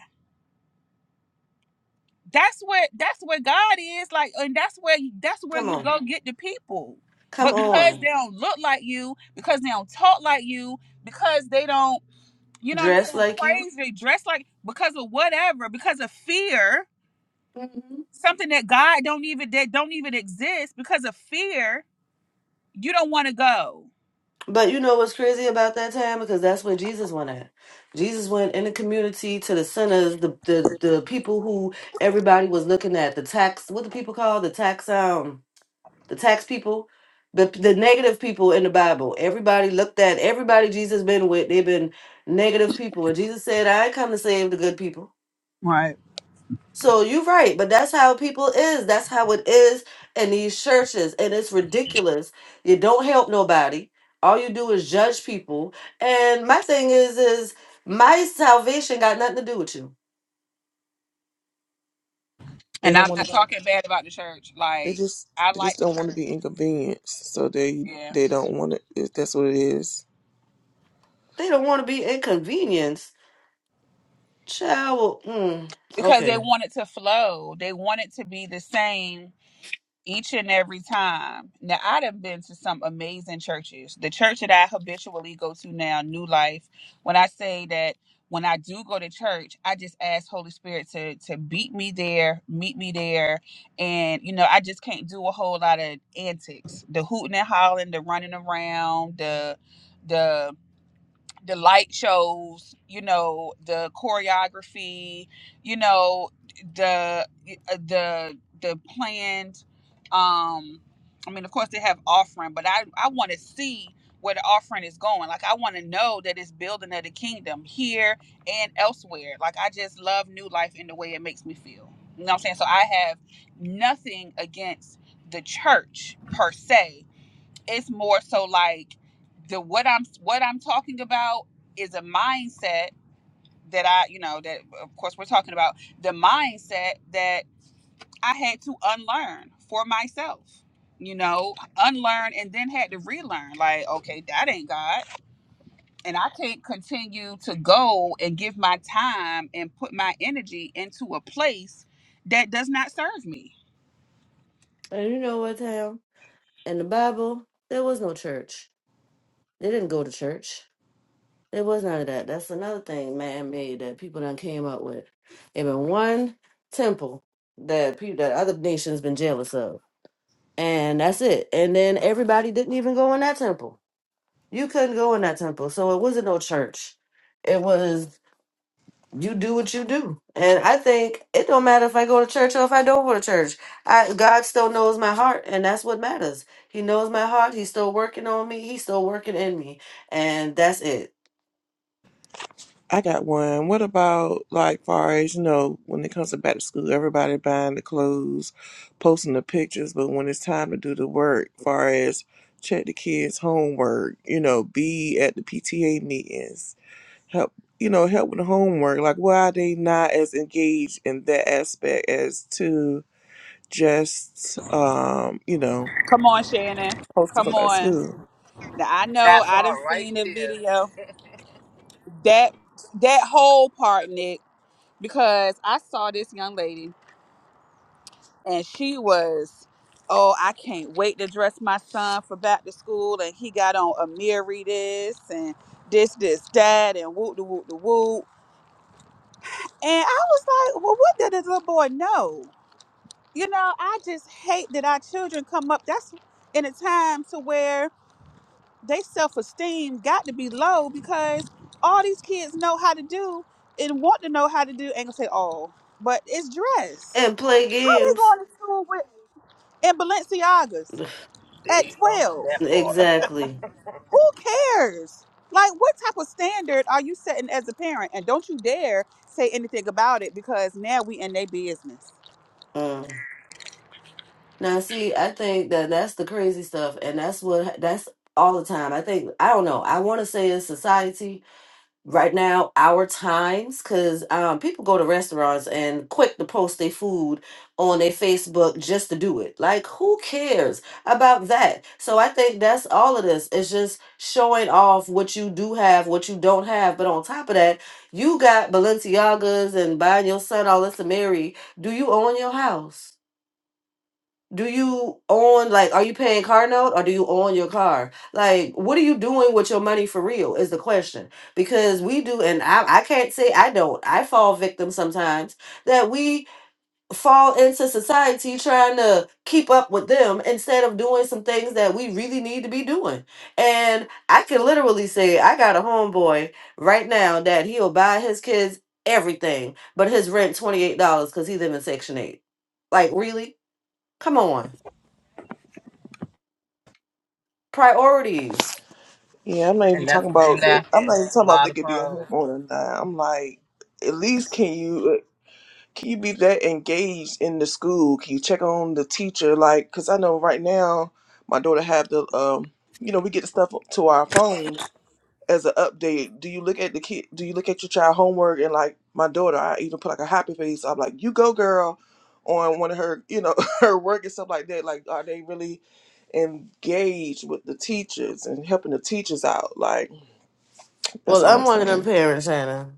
S2: That's where that's where God is like and that's where that's where
S4: Come
S2: you
S4: on.
S2: go get the people.
S4: Come
S2: But because they
S4: on.
S2: don't look like you, because they don't talk like you, because they don't, you know what I'm
S4: Dress
S2: saying,
S4: like you.
S2: praise, they dress like because of whatever, because of fear,
S4: Mhm.
S2: something that God don't even that don't even exist because of fear you don't want to go.
S4: But you know what's crazy about that time? Because that's where Jesus went at. Jesus went in the community to the sinners, the, the the people who everybody was looking at, the tax what do people call the tax um the tax people? The the negative people in the Bible. Everybody looked at everybody Jesus been with, they've been negative people. And Jesus said, I ain't come to save the good people.
S2: Right.
S4: So you're right, but that's how people is. That's how it is in these churches, and it's ridiculous. You don't help nobody. All you do is judge people. And my thing is, is my salvation got nothing to do with you.
S5: They
S2: And
S5: do
S2: I'm
S5: not want to.
S2: not talking bad about the church.
S5: They
S2: Like
S5: just
S2: I
S5: they
S2: like
S5: just
S2: the
S5: don't want to
S2: church.
S5: be inconvenienced, so they
S2: Yeah.
S5: they don't want to. If that's what it is,
S4: They don't want to be inconvenienced. Child, well, mm,
S2: Because they
S4: okay.
S2: want it to flow. They want it to be the same each and every time. Now I done been to some amazing churches. The church that I habitually go to now, New Life, when I say that when I do go to church, I just ask Holy Spirit to to beat me there, meet me there. And you know, I just can't do a whole lot of antics. The hooting and hollering, the running around, the the the light shows, you know, the choreography, you know, the uh, the the planned um I mean, of course they have offering, but I I want to see where the offering is going. Like I want to know that it's building of the kingdom here and elsewhere. Like I just love new life in the way it makes me feel. You know what I'm saying? So I have nothing against the church per se it's more so like the what I'm what I'm talking about is a mindset that I, you know, that of course we're talking about the mindset that I had to unlearn for myself. You know, unlearn and then had to relearn like okay, that ain't God. And I can't continue to go and give my time and put my energy into a place that does not serve me.
S4: And you know what, Tam? In the Bible, there was no church. They didn't go to church There was none of that. That's another thing man made that people done came up with. It been one temple that people that other nations been jealous of. And that's it. And then everybody didn't even go in that temple. You couldn't go in that temple. So it wasn't no church. It was you do what you do. And I think it don't matter if I go to church or if I don't go to church. I God still knows my heart and that's what matters. He knows my heart. He's still working on me. He's still working in me. And that's it.
S5: I got one. What about like far as you know when it comes to back to school, everybody buying the clothes, posting the pictures, but when it's time to do the work, far as check the kids' homework, you know, be at the PTA meetings, help you know help with homework like why are they not as engaged in that aspect as to just um you know
S2: Come on, Shannon.
S5: supposed to go
S2: Come
S5: back to
S2: on.
S5: school
S2: Now, I know
S3: That
S2: I done
S3: part right
S2: seen the
S3: there.
S2: video. That that whole part, Nick, because I saw this young lady and she was, oh, I can't wait to dress my son for back to school. And he got on Amiri this and this, this, that, and whoop the whoop the whoop. And I was like, well, what did this little boy know? You know, I just hate that our children come up. That's in a time to where they self-esteem got to be low because all these kids know how to do and want to know how to do ain't gonna say all but it's dress
S4: And play
S2: how they
S4: games
S2: going to school with in balenciagas
S3: There
S2: at
S3: you go.
S2: 12
S3: That part.
S4: Exactly.
S2: who cares like what type of standard are you setting as a parent and don't you dare say anything about it because now we in their business
S4: Um, now, see, I think that that's the crazy stuff, and that's what that's all the time. I think I don't know. I want to say it's society, right now our times because um, people go to restaurants and quick to post their food on their facebook just to do it like who cares about that so i think that's all of this it's just showing off what you do have what you don't have but on top of that you got balenciagas and buying your son all this to marry do you own your house do you own like are you paying car note or do you own your car like what are you doing with your money for real is the question because we do and i, I can't say i don't i fall victim sometimes that we fall into society trying to keep up with them instead of doing some things that we really need to be doing and i can literally say i got a homeboy right now that he'll buy his kids everything but his rent $28 because he live in section 8 like really come on priorities.
S5: yeah i'm not even
S3: And that's
S5: talking
S3: what they
S5: about the- i'm
S3: lacking.
S5: not even talking
S3: A
S5: about if
S3: lot
S5: they
S3: of
S5: could be a
S3: power.
S5: homeowner or not i'm like at least can you can you be that engaged in the school can you check on the teacher like because i know right now my daughter have the um you know we get the stuff to our phone as an update, do you look at the kid? Do you look at your child homework and like my daughter? I even put like a happy face. I'm like, you go, girl, on one of her, you know, her work and stuff like that. Like, are they really engaged with the teachers and helping the teachers out? Like, that's
S4: Well,
S5: all I'm
S4: I'm one of them
S5: saying.
S4: parents, Hannah.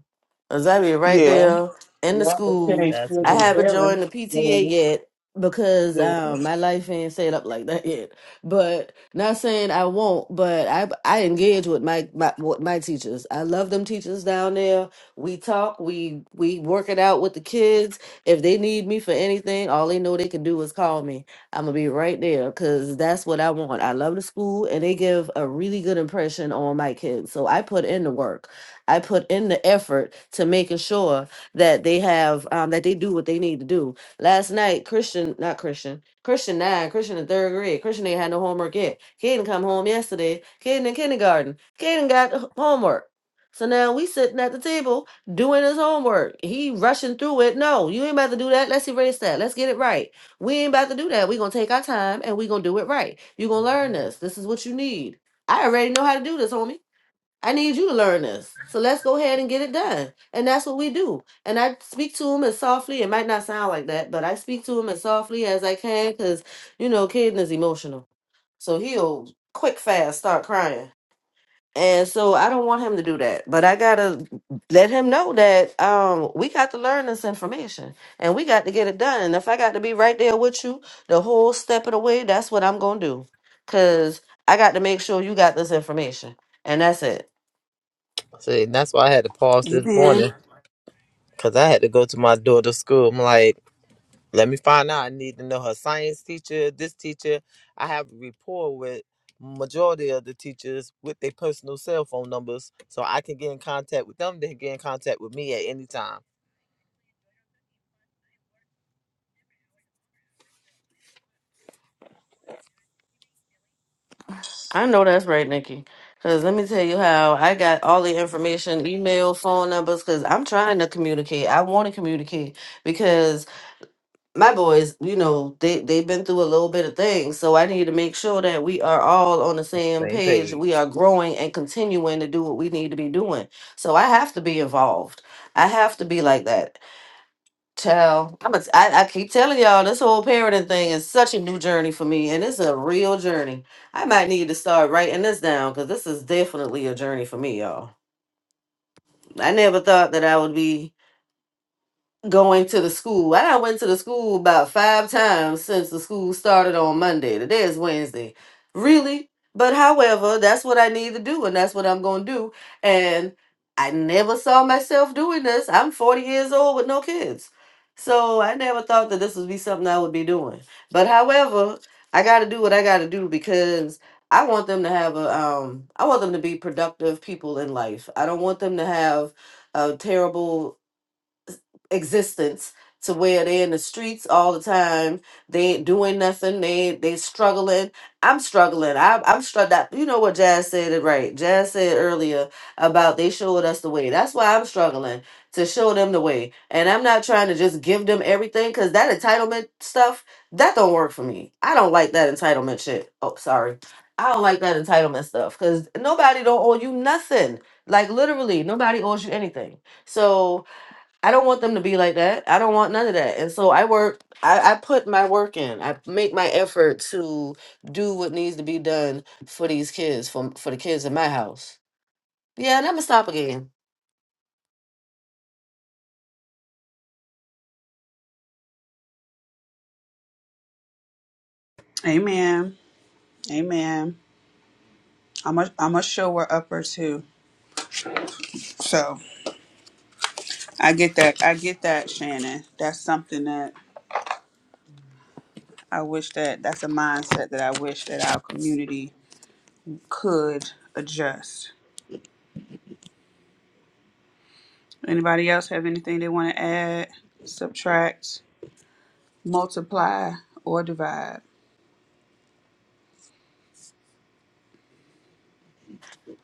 S4: 'Cause I be right
S5: Yeah,
S4: there in the
S1: Yeah, until they
S4: school.
S3: That's
S1: still
S4: I
S1: been
S3: me.
S4: haven't joined the PTA
S1: failing.
S4: yet because
S5: yeah.
S4: um my life ain't set up like that yet. But not saying I won't, but I I engage with my my with my teachers. I love them teachers down there. We talk, we we work it out with the kids. If they need me for anything, all they know they can do is call me. I'm gonna be right there because that's what I want. I love the school and they give a really good impression on my kids. So I put in the work. I put in the effort to making sure that they have um that they do what they need to do. Last night, Christian, not Christian, Christian nine, Christian in third grade, Christian ain't had no homework yet. Kaden come home yesterday, Kaden in kindergarten, Kaden got h- homework. So now we sitting at the table doing his homework. He rushing through it. No, you ain't about to do that. Let's erase that. Let's get it right. We ain't about to do that. We're gonna take our time and we're gonna do it right. You're gonna learn this. This is what you need. I already know how to do this, homie. I need you to learn this. So let's go ahead and get it done. And that's what we do. And I speak to him as softly, it might not sound like that, but I speak to him as softly as I can because, you know, Caden is emotional. So he'll quick fast start crying. And so I don't want him to do that. But I gotta let him know that um we got to learn this information and we got to get it done. And if I got to be right there with you the whole step of the way, that's what I'm gonna do. Cause I got to make sure you got this information. And that's it.
S3: See, that's why I had to pause this
S2: Amen.
S3: morning because I had to go to my daughter's school. I'm like, let me find out. I need to know her science teacher, this teacher. I have a rapport with majority of the teachers with their personal cell phone numbers so I can get in contact with them. They can get in contact with me at any time.
S4: I know that's right, Nikki. Cause let me tell you how I got all the information, email, phone numbers, because I'm trying to communicate. I want to communicate because. my boys, you know, they they've been through a little bit of things, so I need to make sure that we are all on the same
S3: Same
S4: page.
S3: page.
S4: We are growing and continuing to do what we need to be doing. So I have to be involved. I have to be like that. Child, I'm a, I, I keep telling y'all this whole parenting thing is such a new journey for me, and it's a real journey. I might need to start writing this down because this is definitely a journey for me, y'all. I never thought that I would be going to the school. I done went to the school about five times since the school started on Monday. Today is Wednesday. Really? But however, that's what I need to do and that's what I'm going to do. And I never saw myself doing this. I'm 40 years old with no kids. So I never thought that this would be something I would be doing. But however, I got to do what I got to do because I want them to have a um I want them to be productive people in life. I don't want them to have a terrible existence to where they're in the streets all the time. They ain't doing nothing. They they struggling. I'm struggling. I, I'm struggling. You know what Jazz said it right. Jazz said earlier about they showed us the way. That's why I'm struggling to show them the way. And I'm not trying to just give them everything because that entitlement stuff that don't work for me. I don't like that entitlement shit. Oh, sorry. I don't like that entitlement stuff because nobody don't owe you nothing. Like literally, nobody owes you anything. So I don't want them to be like that. I don't want none of that. And so I work, I, I put my work in. I make my effort to do what needs to be done for these kids, for, for the kids in my house. Yeah, and I'm going to stop again.
S2: Amen. Amen. I'm a I'm a sure we're upper too. So I get that. I get that, Shannon. That's something that I wish that that's a mindset that I wish that our community could adjust. Anybody else have anything they want to add, subtract, multiply, or divide?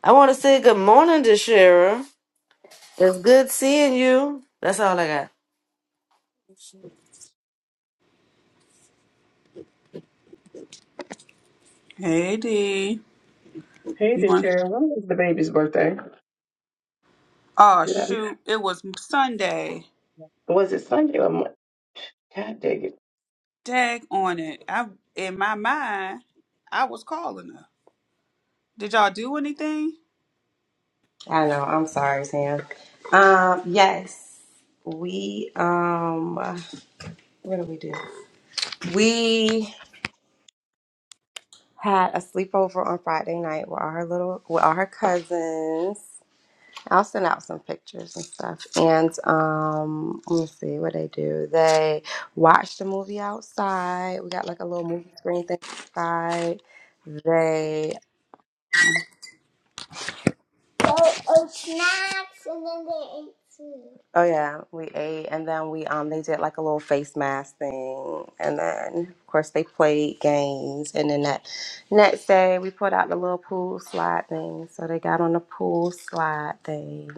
S4: I want to say good morning to Shara. It's good seeing you. That's all I got.
S2: Hey D,
S1: Hey,
S2: you
S1: this
S2: want?
S1: Sharon. When was the baby's birthday?
S2: Oh
S1: Did I?
S2: shoot, it was Sunday.
S1: Was it Sunday or Monday? God dang
S2: Dag on it. I in my mind, I was calling her. Did y'all do anything?
S7: I know. I'm sorry, Sam. Um, yes, we um, what did we do? We had a sleepover on Friday night with all her little, with all her cousins. I'll send out some pictures and stuff. And um, let me see what they do. They watched the movie outside. We got like a little movie screen thing outside. They Oh yeah, we ate and then we um they did like a little face mask thing and then of course they played games and then that next day we put out the little pool slide thing. So they got on the pool slide thing.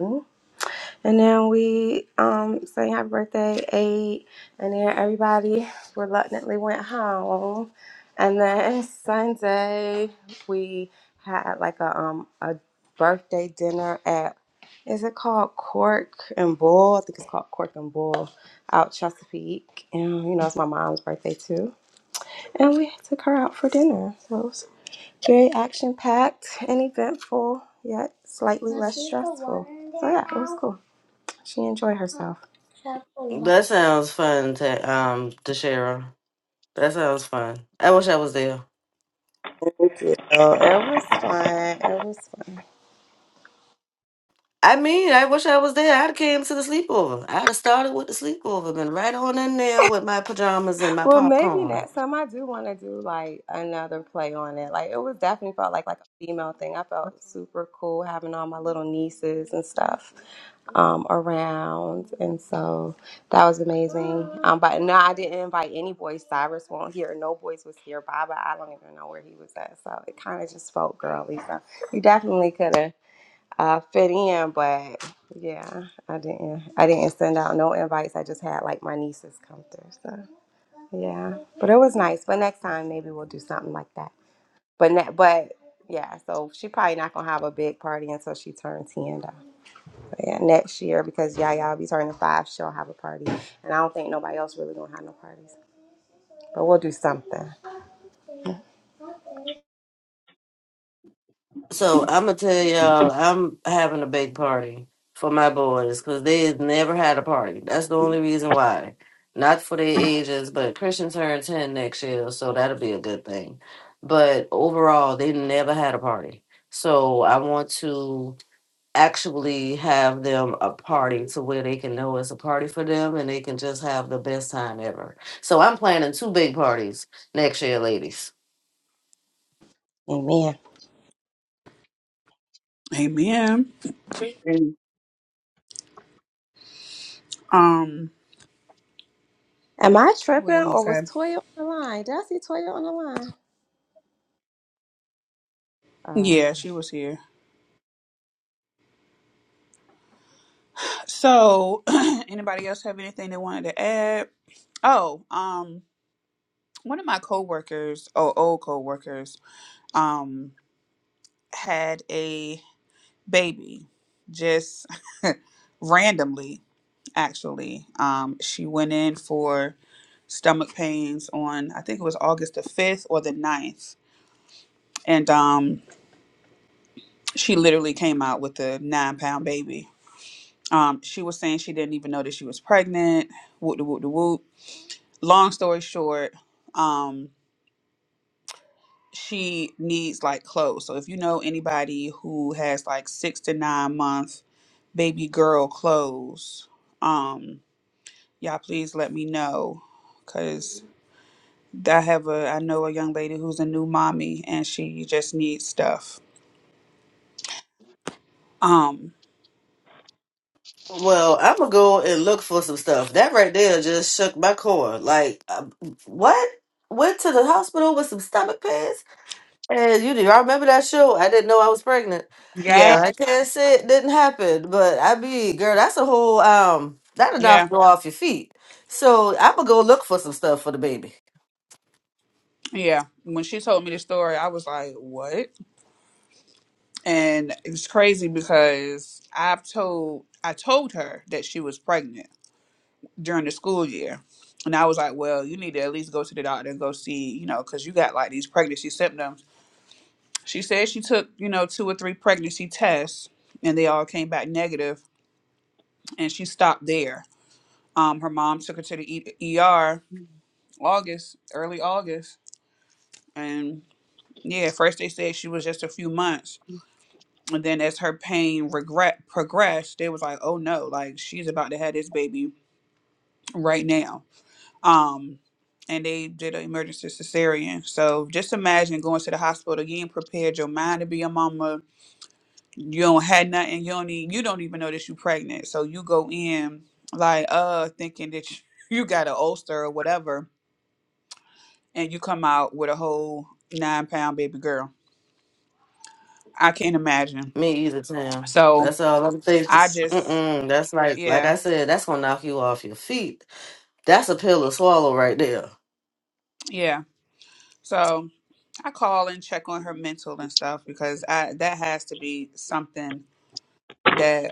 S7: And then we um sang happy birthday eight, and then everybody reluctantly went home. And then Sunday we had like a um a birthday dinner at is it called Cork and Bull? I think it's called Cork and Bull out Chesapeake. And you know it's my mom's birthday too. And we took her out for dinner. So it was very action packed and eventful, yet slightly less stressful. So yeah, it was cool. She enjoyed herself.
S4: That sounds fun to, um, to Shara. That sounds fun. I wish I was there.
S7: Thank you. it was fun. It was fun.
S4: I mean, I wish I was there. I'd have came to the sleepover. I'd have started with the sleepover, been right on in there with my pajamas and my
S7: Well, maybe
S4: popcorn.
S7: next time I do want to do like another play on it. Like it was definitely felt like like a female thing. I felt super cool having all my little nieces and stuff um, around, and so that was amazing. Um, but no, I didn't invite any boys. Cyrus won't hear. No boys was here. Baba, I don't even know where he was at. So it kind of just felt girly. So you definitely could have. uh, fit in, but yeah, I didn't. I didn't send out no invites. I just had like my nieces come through. So yeah, but it was nice. But next time maybe we'll do something like that. But ne- but yeah, so she probably not gonna have a big party until she turns ten though. But yeah, next year because Yaya will be turning five, she'll have a party, and I don't think nobody else really gonna have no parties. But we'll do something.
S4: So
S1: it.
S4: I'm gonna tell y'all, I'm having a big party for my boys because they have never had a party. That's the only reason why. Not for their ages, but Christian turned ten next year, so that'll be a good thing. But overall, they never had a party, so I want to actually have them a party to where they can know it's a party for them and they can just have the best time ever. So I'm planning two big parties next year, ladies.
S7: Amen.
S2: Amen.
S1: And-
S2: Um,
S7: Am I
S2: what
S7: tripping
S2: was I gonna
S7: or
S2: say?
S7: was Toya on the line? Did I see Toya on the line? Uh,
S2: Yeah, she was here. So, anybody else have anything they wanted to add? Oh, um, one of my coworkers, or old coworkers, um, had a baby just randomly, actually. Um, she went in for stomach pains on, I think it was August the 5th or the ninth, And um, she literally came out with a nine pound baby. Um, she was saying she didn't even know that she was pregnant. Whoop de whoop de whoop. Long story short, um, she needs like clothes. So if you know anybody who has like six to nine month baby girl clothes, um, y'all please let me know, cause I have a I know a young lady who's a new mommy and she just needs stuff. Um,
S4: Well, I'm gonna go and look for some stuff. That right there just shook my core. Like, uh, what? Went to the hospital with some stomach pains, and you do. I remember that show. I didn't know I was pregnant. So
S7: Yes.
S2: yeah,
S4: I can't say it didn't happen, but I be girl. That's a whole um. That'll knock
S2: yeah,
S4: you off your feet. So I'm gonna go look for some stuff for the baby.
S2: yeah. When she told me the story, I was like, what? And it's crazy because I've told I told her that she was pregnant during the school year. And I was like, well, you need to at least go to the doctor and go see, you know, because you got like these pregnancy symptoms. She said she took, you know, two or three pregnancy tests and they all came back negative and she stopped there. Um, her mom took her to the e- ER August, early August. And yeah, first they said she was just a few months. And then as her pain regret progressed, they was like, oh no, like she's about to have this baby right now um and they did an emergency cesarean so just imagine going to the hospital you ain't prepared your mind to be a mama you don't had nothing you don't even you don't even know that you pregnant so you go in like uh thinking that you, you got an ulcer or whatever and you come out with a whole nine pound baby girl i can't imagine
S4: Me either, Tam.
S2: so
S4: That's all I'm thinking.
S2: i just
S4: Mm-mm, that's like, like
S2: yeah
S4: I said, that's gonna knock you off your feet. That's a pill to swallow right there.
S2: yeah so i call and check on her mental and stuff because i that has to be something that.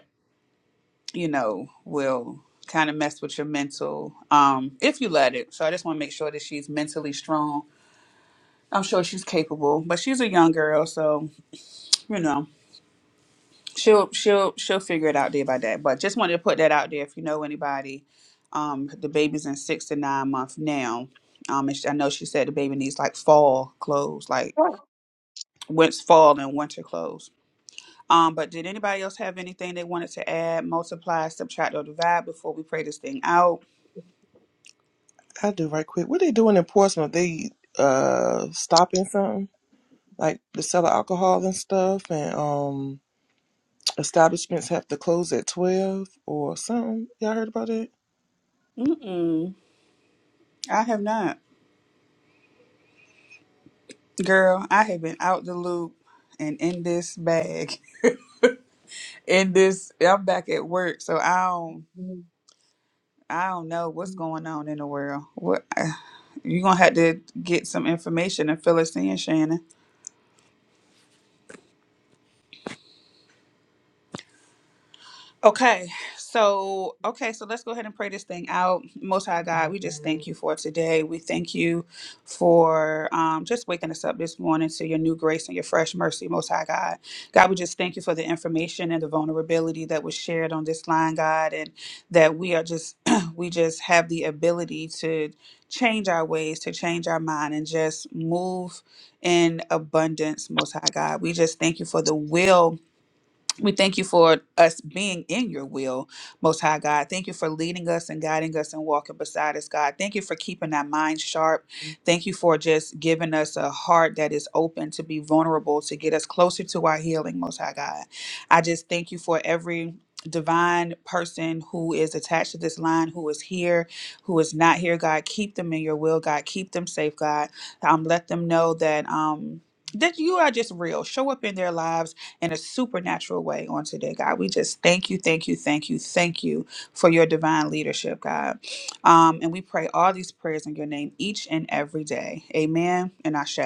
S2: you know, will kind of mess with your mental, um, if you let it. So I just want to make sure that she's mentally strong. I'm sure she's capable, but she's a young girl, so you know she'll she'll she'll figure it out day by day. But just wanted to put that out there. If you know anybody, um, the baby's in six to nine months now. Um, and she, I know she said the baby needs like fall clothes, like winter fall and winter clothes. Um, but did anybody else have anything they wanted to add, multiply, subtract, or divide before we pray this thing out?
S5: I do right quick. What they doing in Portsmouth? They uh stopping something like the sell of alcohol and stuff, and um establishments have to close at twelve or something. Y'all heard about it?
S2: Mm-mm. I have not. Girl, I have been out the loop and in this bag. In this I'm back at work, so I don't I don't know what's going on in the world. What you gonna have to get some information and fill us in, Shannon. Okay, so okay, so let's go ahead and pray this thing out. Most High God, we just thank you for today. We thank you for um, just waking us up this morning to your new grace and your fresh mercy, Most High God. God, we just thank you for the information and the vulnerability that was shared on this line, God, and that we are just we just have the ability to change our ways, to change our mind, and just move in abundance, Most High God. We just thank you for the will. We thank you for us being in your will, Most High God. Thank you for leading us and guiding us and walking beside us, God. Thank you for keeping our minds sharp. Thank you for just giving us a heart that is open to be vulnerable to get us closer to our healing, Most High God. I just thank you for every divine person who is attached to this line, who is here, who is not here, God. Keep them in your will, God. Keep them safe, God. Um, let them know that. Um, that you are just real. Show up in their lives in a supernatural way on today, God. We just thank you, thank you, thank you, thank you for your divine leadership, God. Um, and we pray all these prayers in your name each and every day. Amen and Ashe.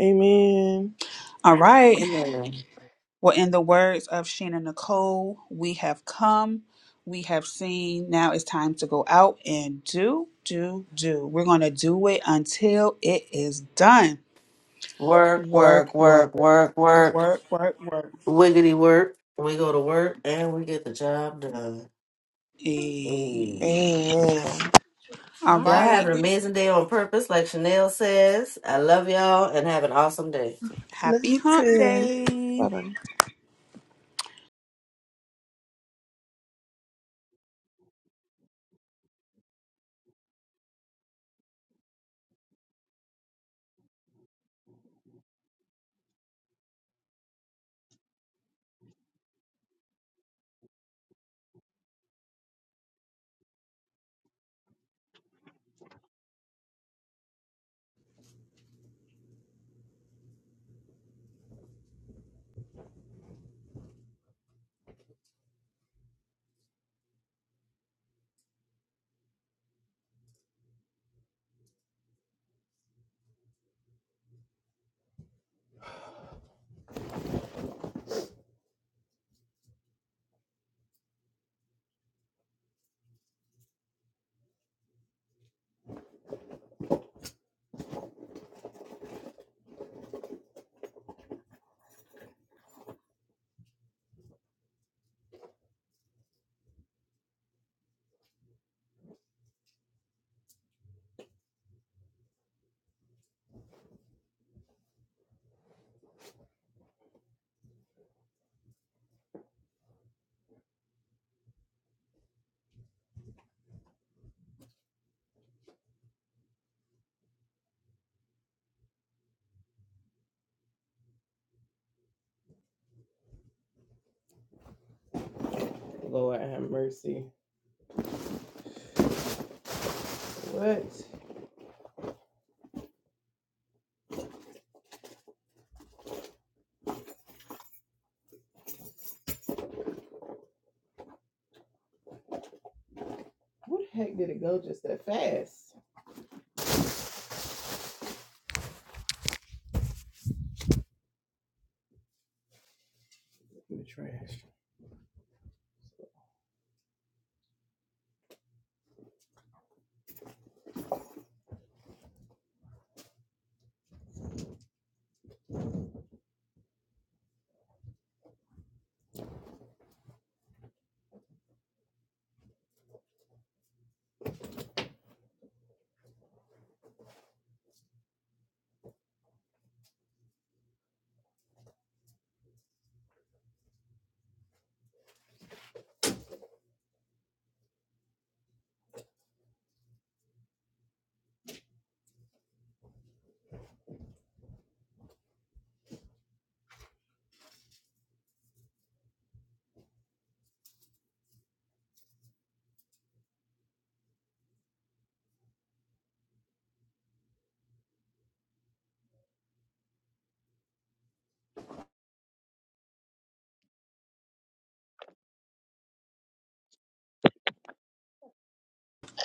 S5: Amen.
S2: All right.
S4: Amen.
S2: Well, in the words of Sheena Nicole, we have come, we have seen. Now it's time to go out and do, do, do. We're going to do it until it is done.
S4: Work, work,
S2: Work, work,
S4: work, work, work.
S2: work, work, work.
S4: Wiggity work. We go to work and we get the job done.
S2: Eh.
S4: Mm.
S5: Amen.
S2: All
S4: Y'all
S5: All
S4: have
S2: right.
S4: an
S5: right.
S4: amazing day on purpose, like Chanel says. I love y'all and have an awesome day.
S5: Love
S2: Happy
S5: you
S2: hump
S5: too.
S2: day.
S5: Bye bye.
S1: Lord have mercy. What? What the heck did it go just that fast? In the trash.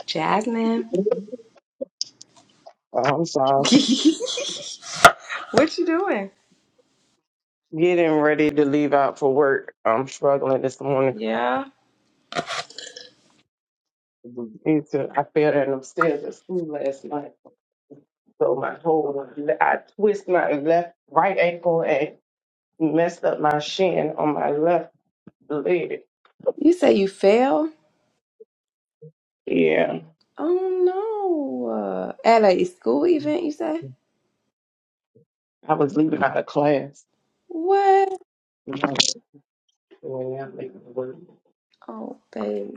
S7: Jasmine.
S1: Oh, I'm sorry.
S7: what you doing?
S1: Getting ready to leave out for work. I'm struggling this morning.
S7: Yeah.
S1: Need to- I fell down them stairs at school last night. So my whole, I twist my left right ankle and messed up my shin on my left leg.
S7: You say you fail?
S1: Yeah,
S7: Oh no. Uh, at a school event, you say?
S1: I was leaving out of class.
S7: What?
S1: You know, the way I'm leaving to work.
S7: Oh, babe.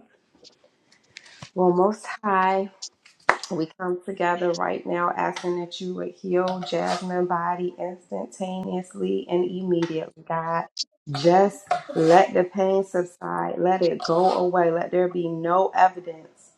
S7: Well, Most High, we come together right now asking that you would heal Jasmine's body instantaneously and immediately, God. Just let the pain subside. Let it go away. Let there be no evidence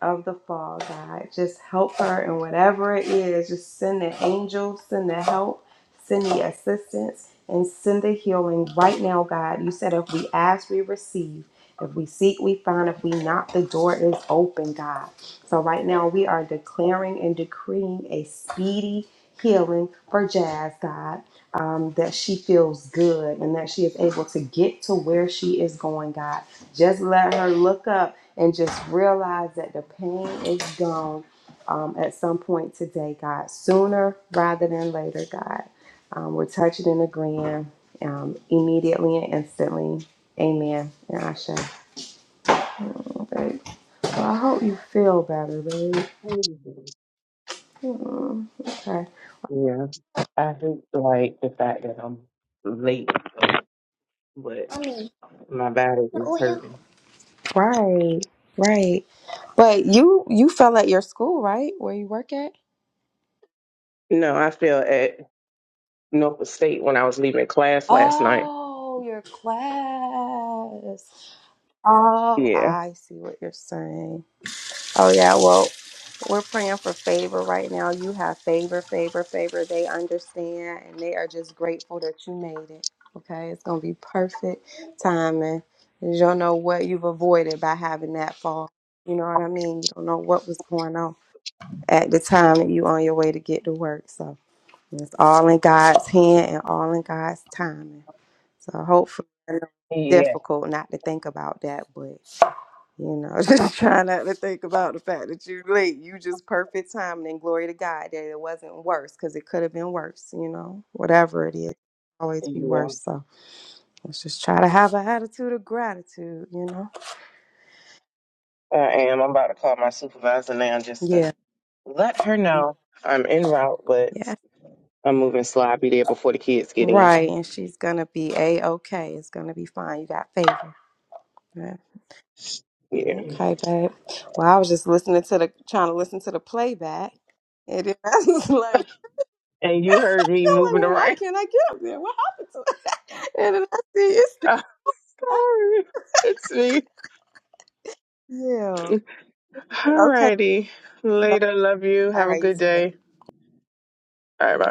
S7: of the fall, God. Just help her in whatever it is. Just send the angels, send the help, send the assistance, and send the healing right now, God. You said if we ask, we receive. If we seek, we find. If we knock, the door is open, God. So right now, we are declaring and decreeing a speedy healing for Jazz, God. Um, that she feels good and that she is able to get to where she is going, God. Just let her look up and just realize that the pain is gone um, at some point today, God, sooner rather than later, God. Um, we're touching and agreeing um, immediately and instantly. Amen. And I shall. Okay. So I hope you feel better, babe. Mm, okay.
S1: Yeah, I hate like the fact that I'm late, but
S7: Mommy,
S1: my body
S7: the
S1: is
S7: oil.
S1: hurting.
S7: Right. Right. But you you fell at your school, right? Where you work at?
S1: No, I feel at Norfolk State when I was leaving class last night.
S7: Oh, your class. Oh,
S1: Yeah,
S7: I see what you're saying. Oh, yeah. Well, we're praying for favor right now. You have favor, favor, favor. They understand and they are just grateful that you made it. Okay. It's going to be perfect timing. You don't know what you've avoided by having that fall. You know what I mean? You don't know what was going on at the time that you on your way to get to work. So it's all in God's hand and all in God's timing. So hopefully, I know it's
S1: yeah,
S7: difficult not to think about that, but. You know, just try not to think about the fact that you late. You just perfect timing and glory to God that it wasn't worse because it could have been worse, you know, whatever it is. Always be
S1: yeah.
S7: worse. So let's just try to have an attitude of gratitude, you know?
S1: I am. I'm about to call my supervisor now just to
S7: Yeah.
S1: let her know I'm en route, but
S7: Yeah.
S1: I'm moving slow. I'll be there before the kids get in.
S7: Right. And she's going to be A okay. It's going to be fine. You got favor. Yeah.
S1: Yeah.
S7: Okay, babe. Well, I was just listening to the, trying to listen to the playback. And it, I was like,
S1: And
S7: I'm
S1: you heard me
S7: like,
S1: moving
S7: well, why
S1: around.
S7: can't I get up there? What happened to it? And then I see it's still up.
S1: Sorry. It's me.
S7: Yeah. Okay.
S1: Alrighty. Later. Love you.
S7: All
S1: Have a
S7: right, you
S1: good
S7: too, babe.
S1: day. Bye bye.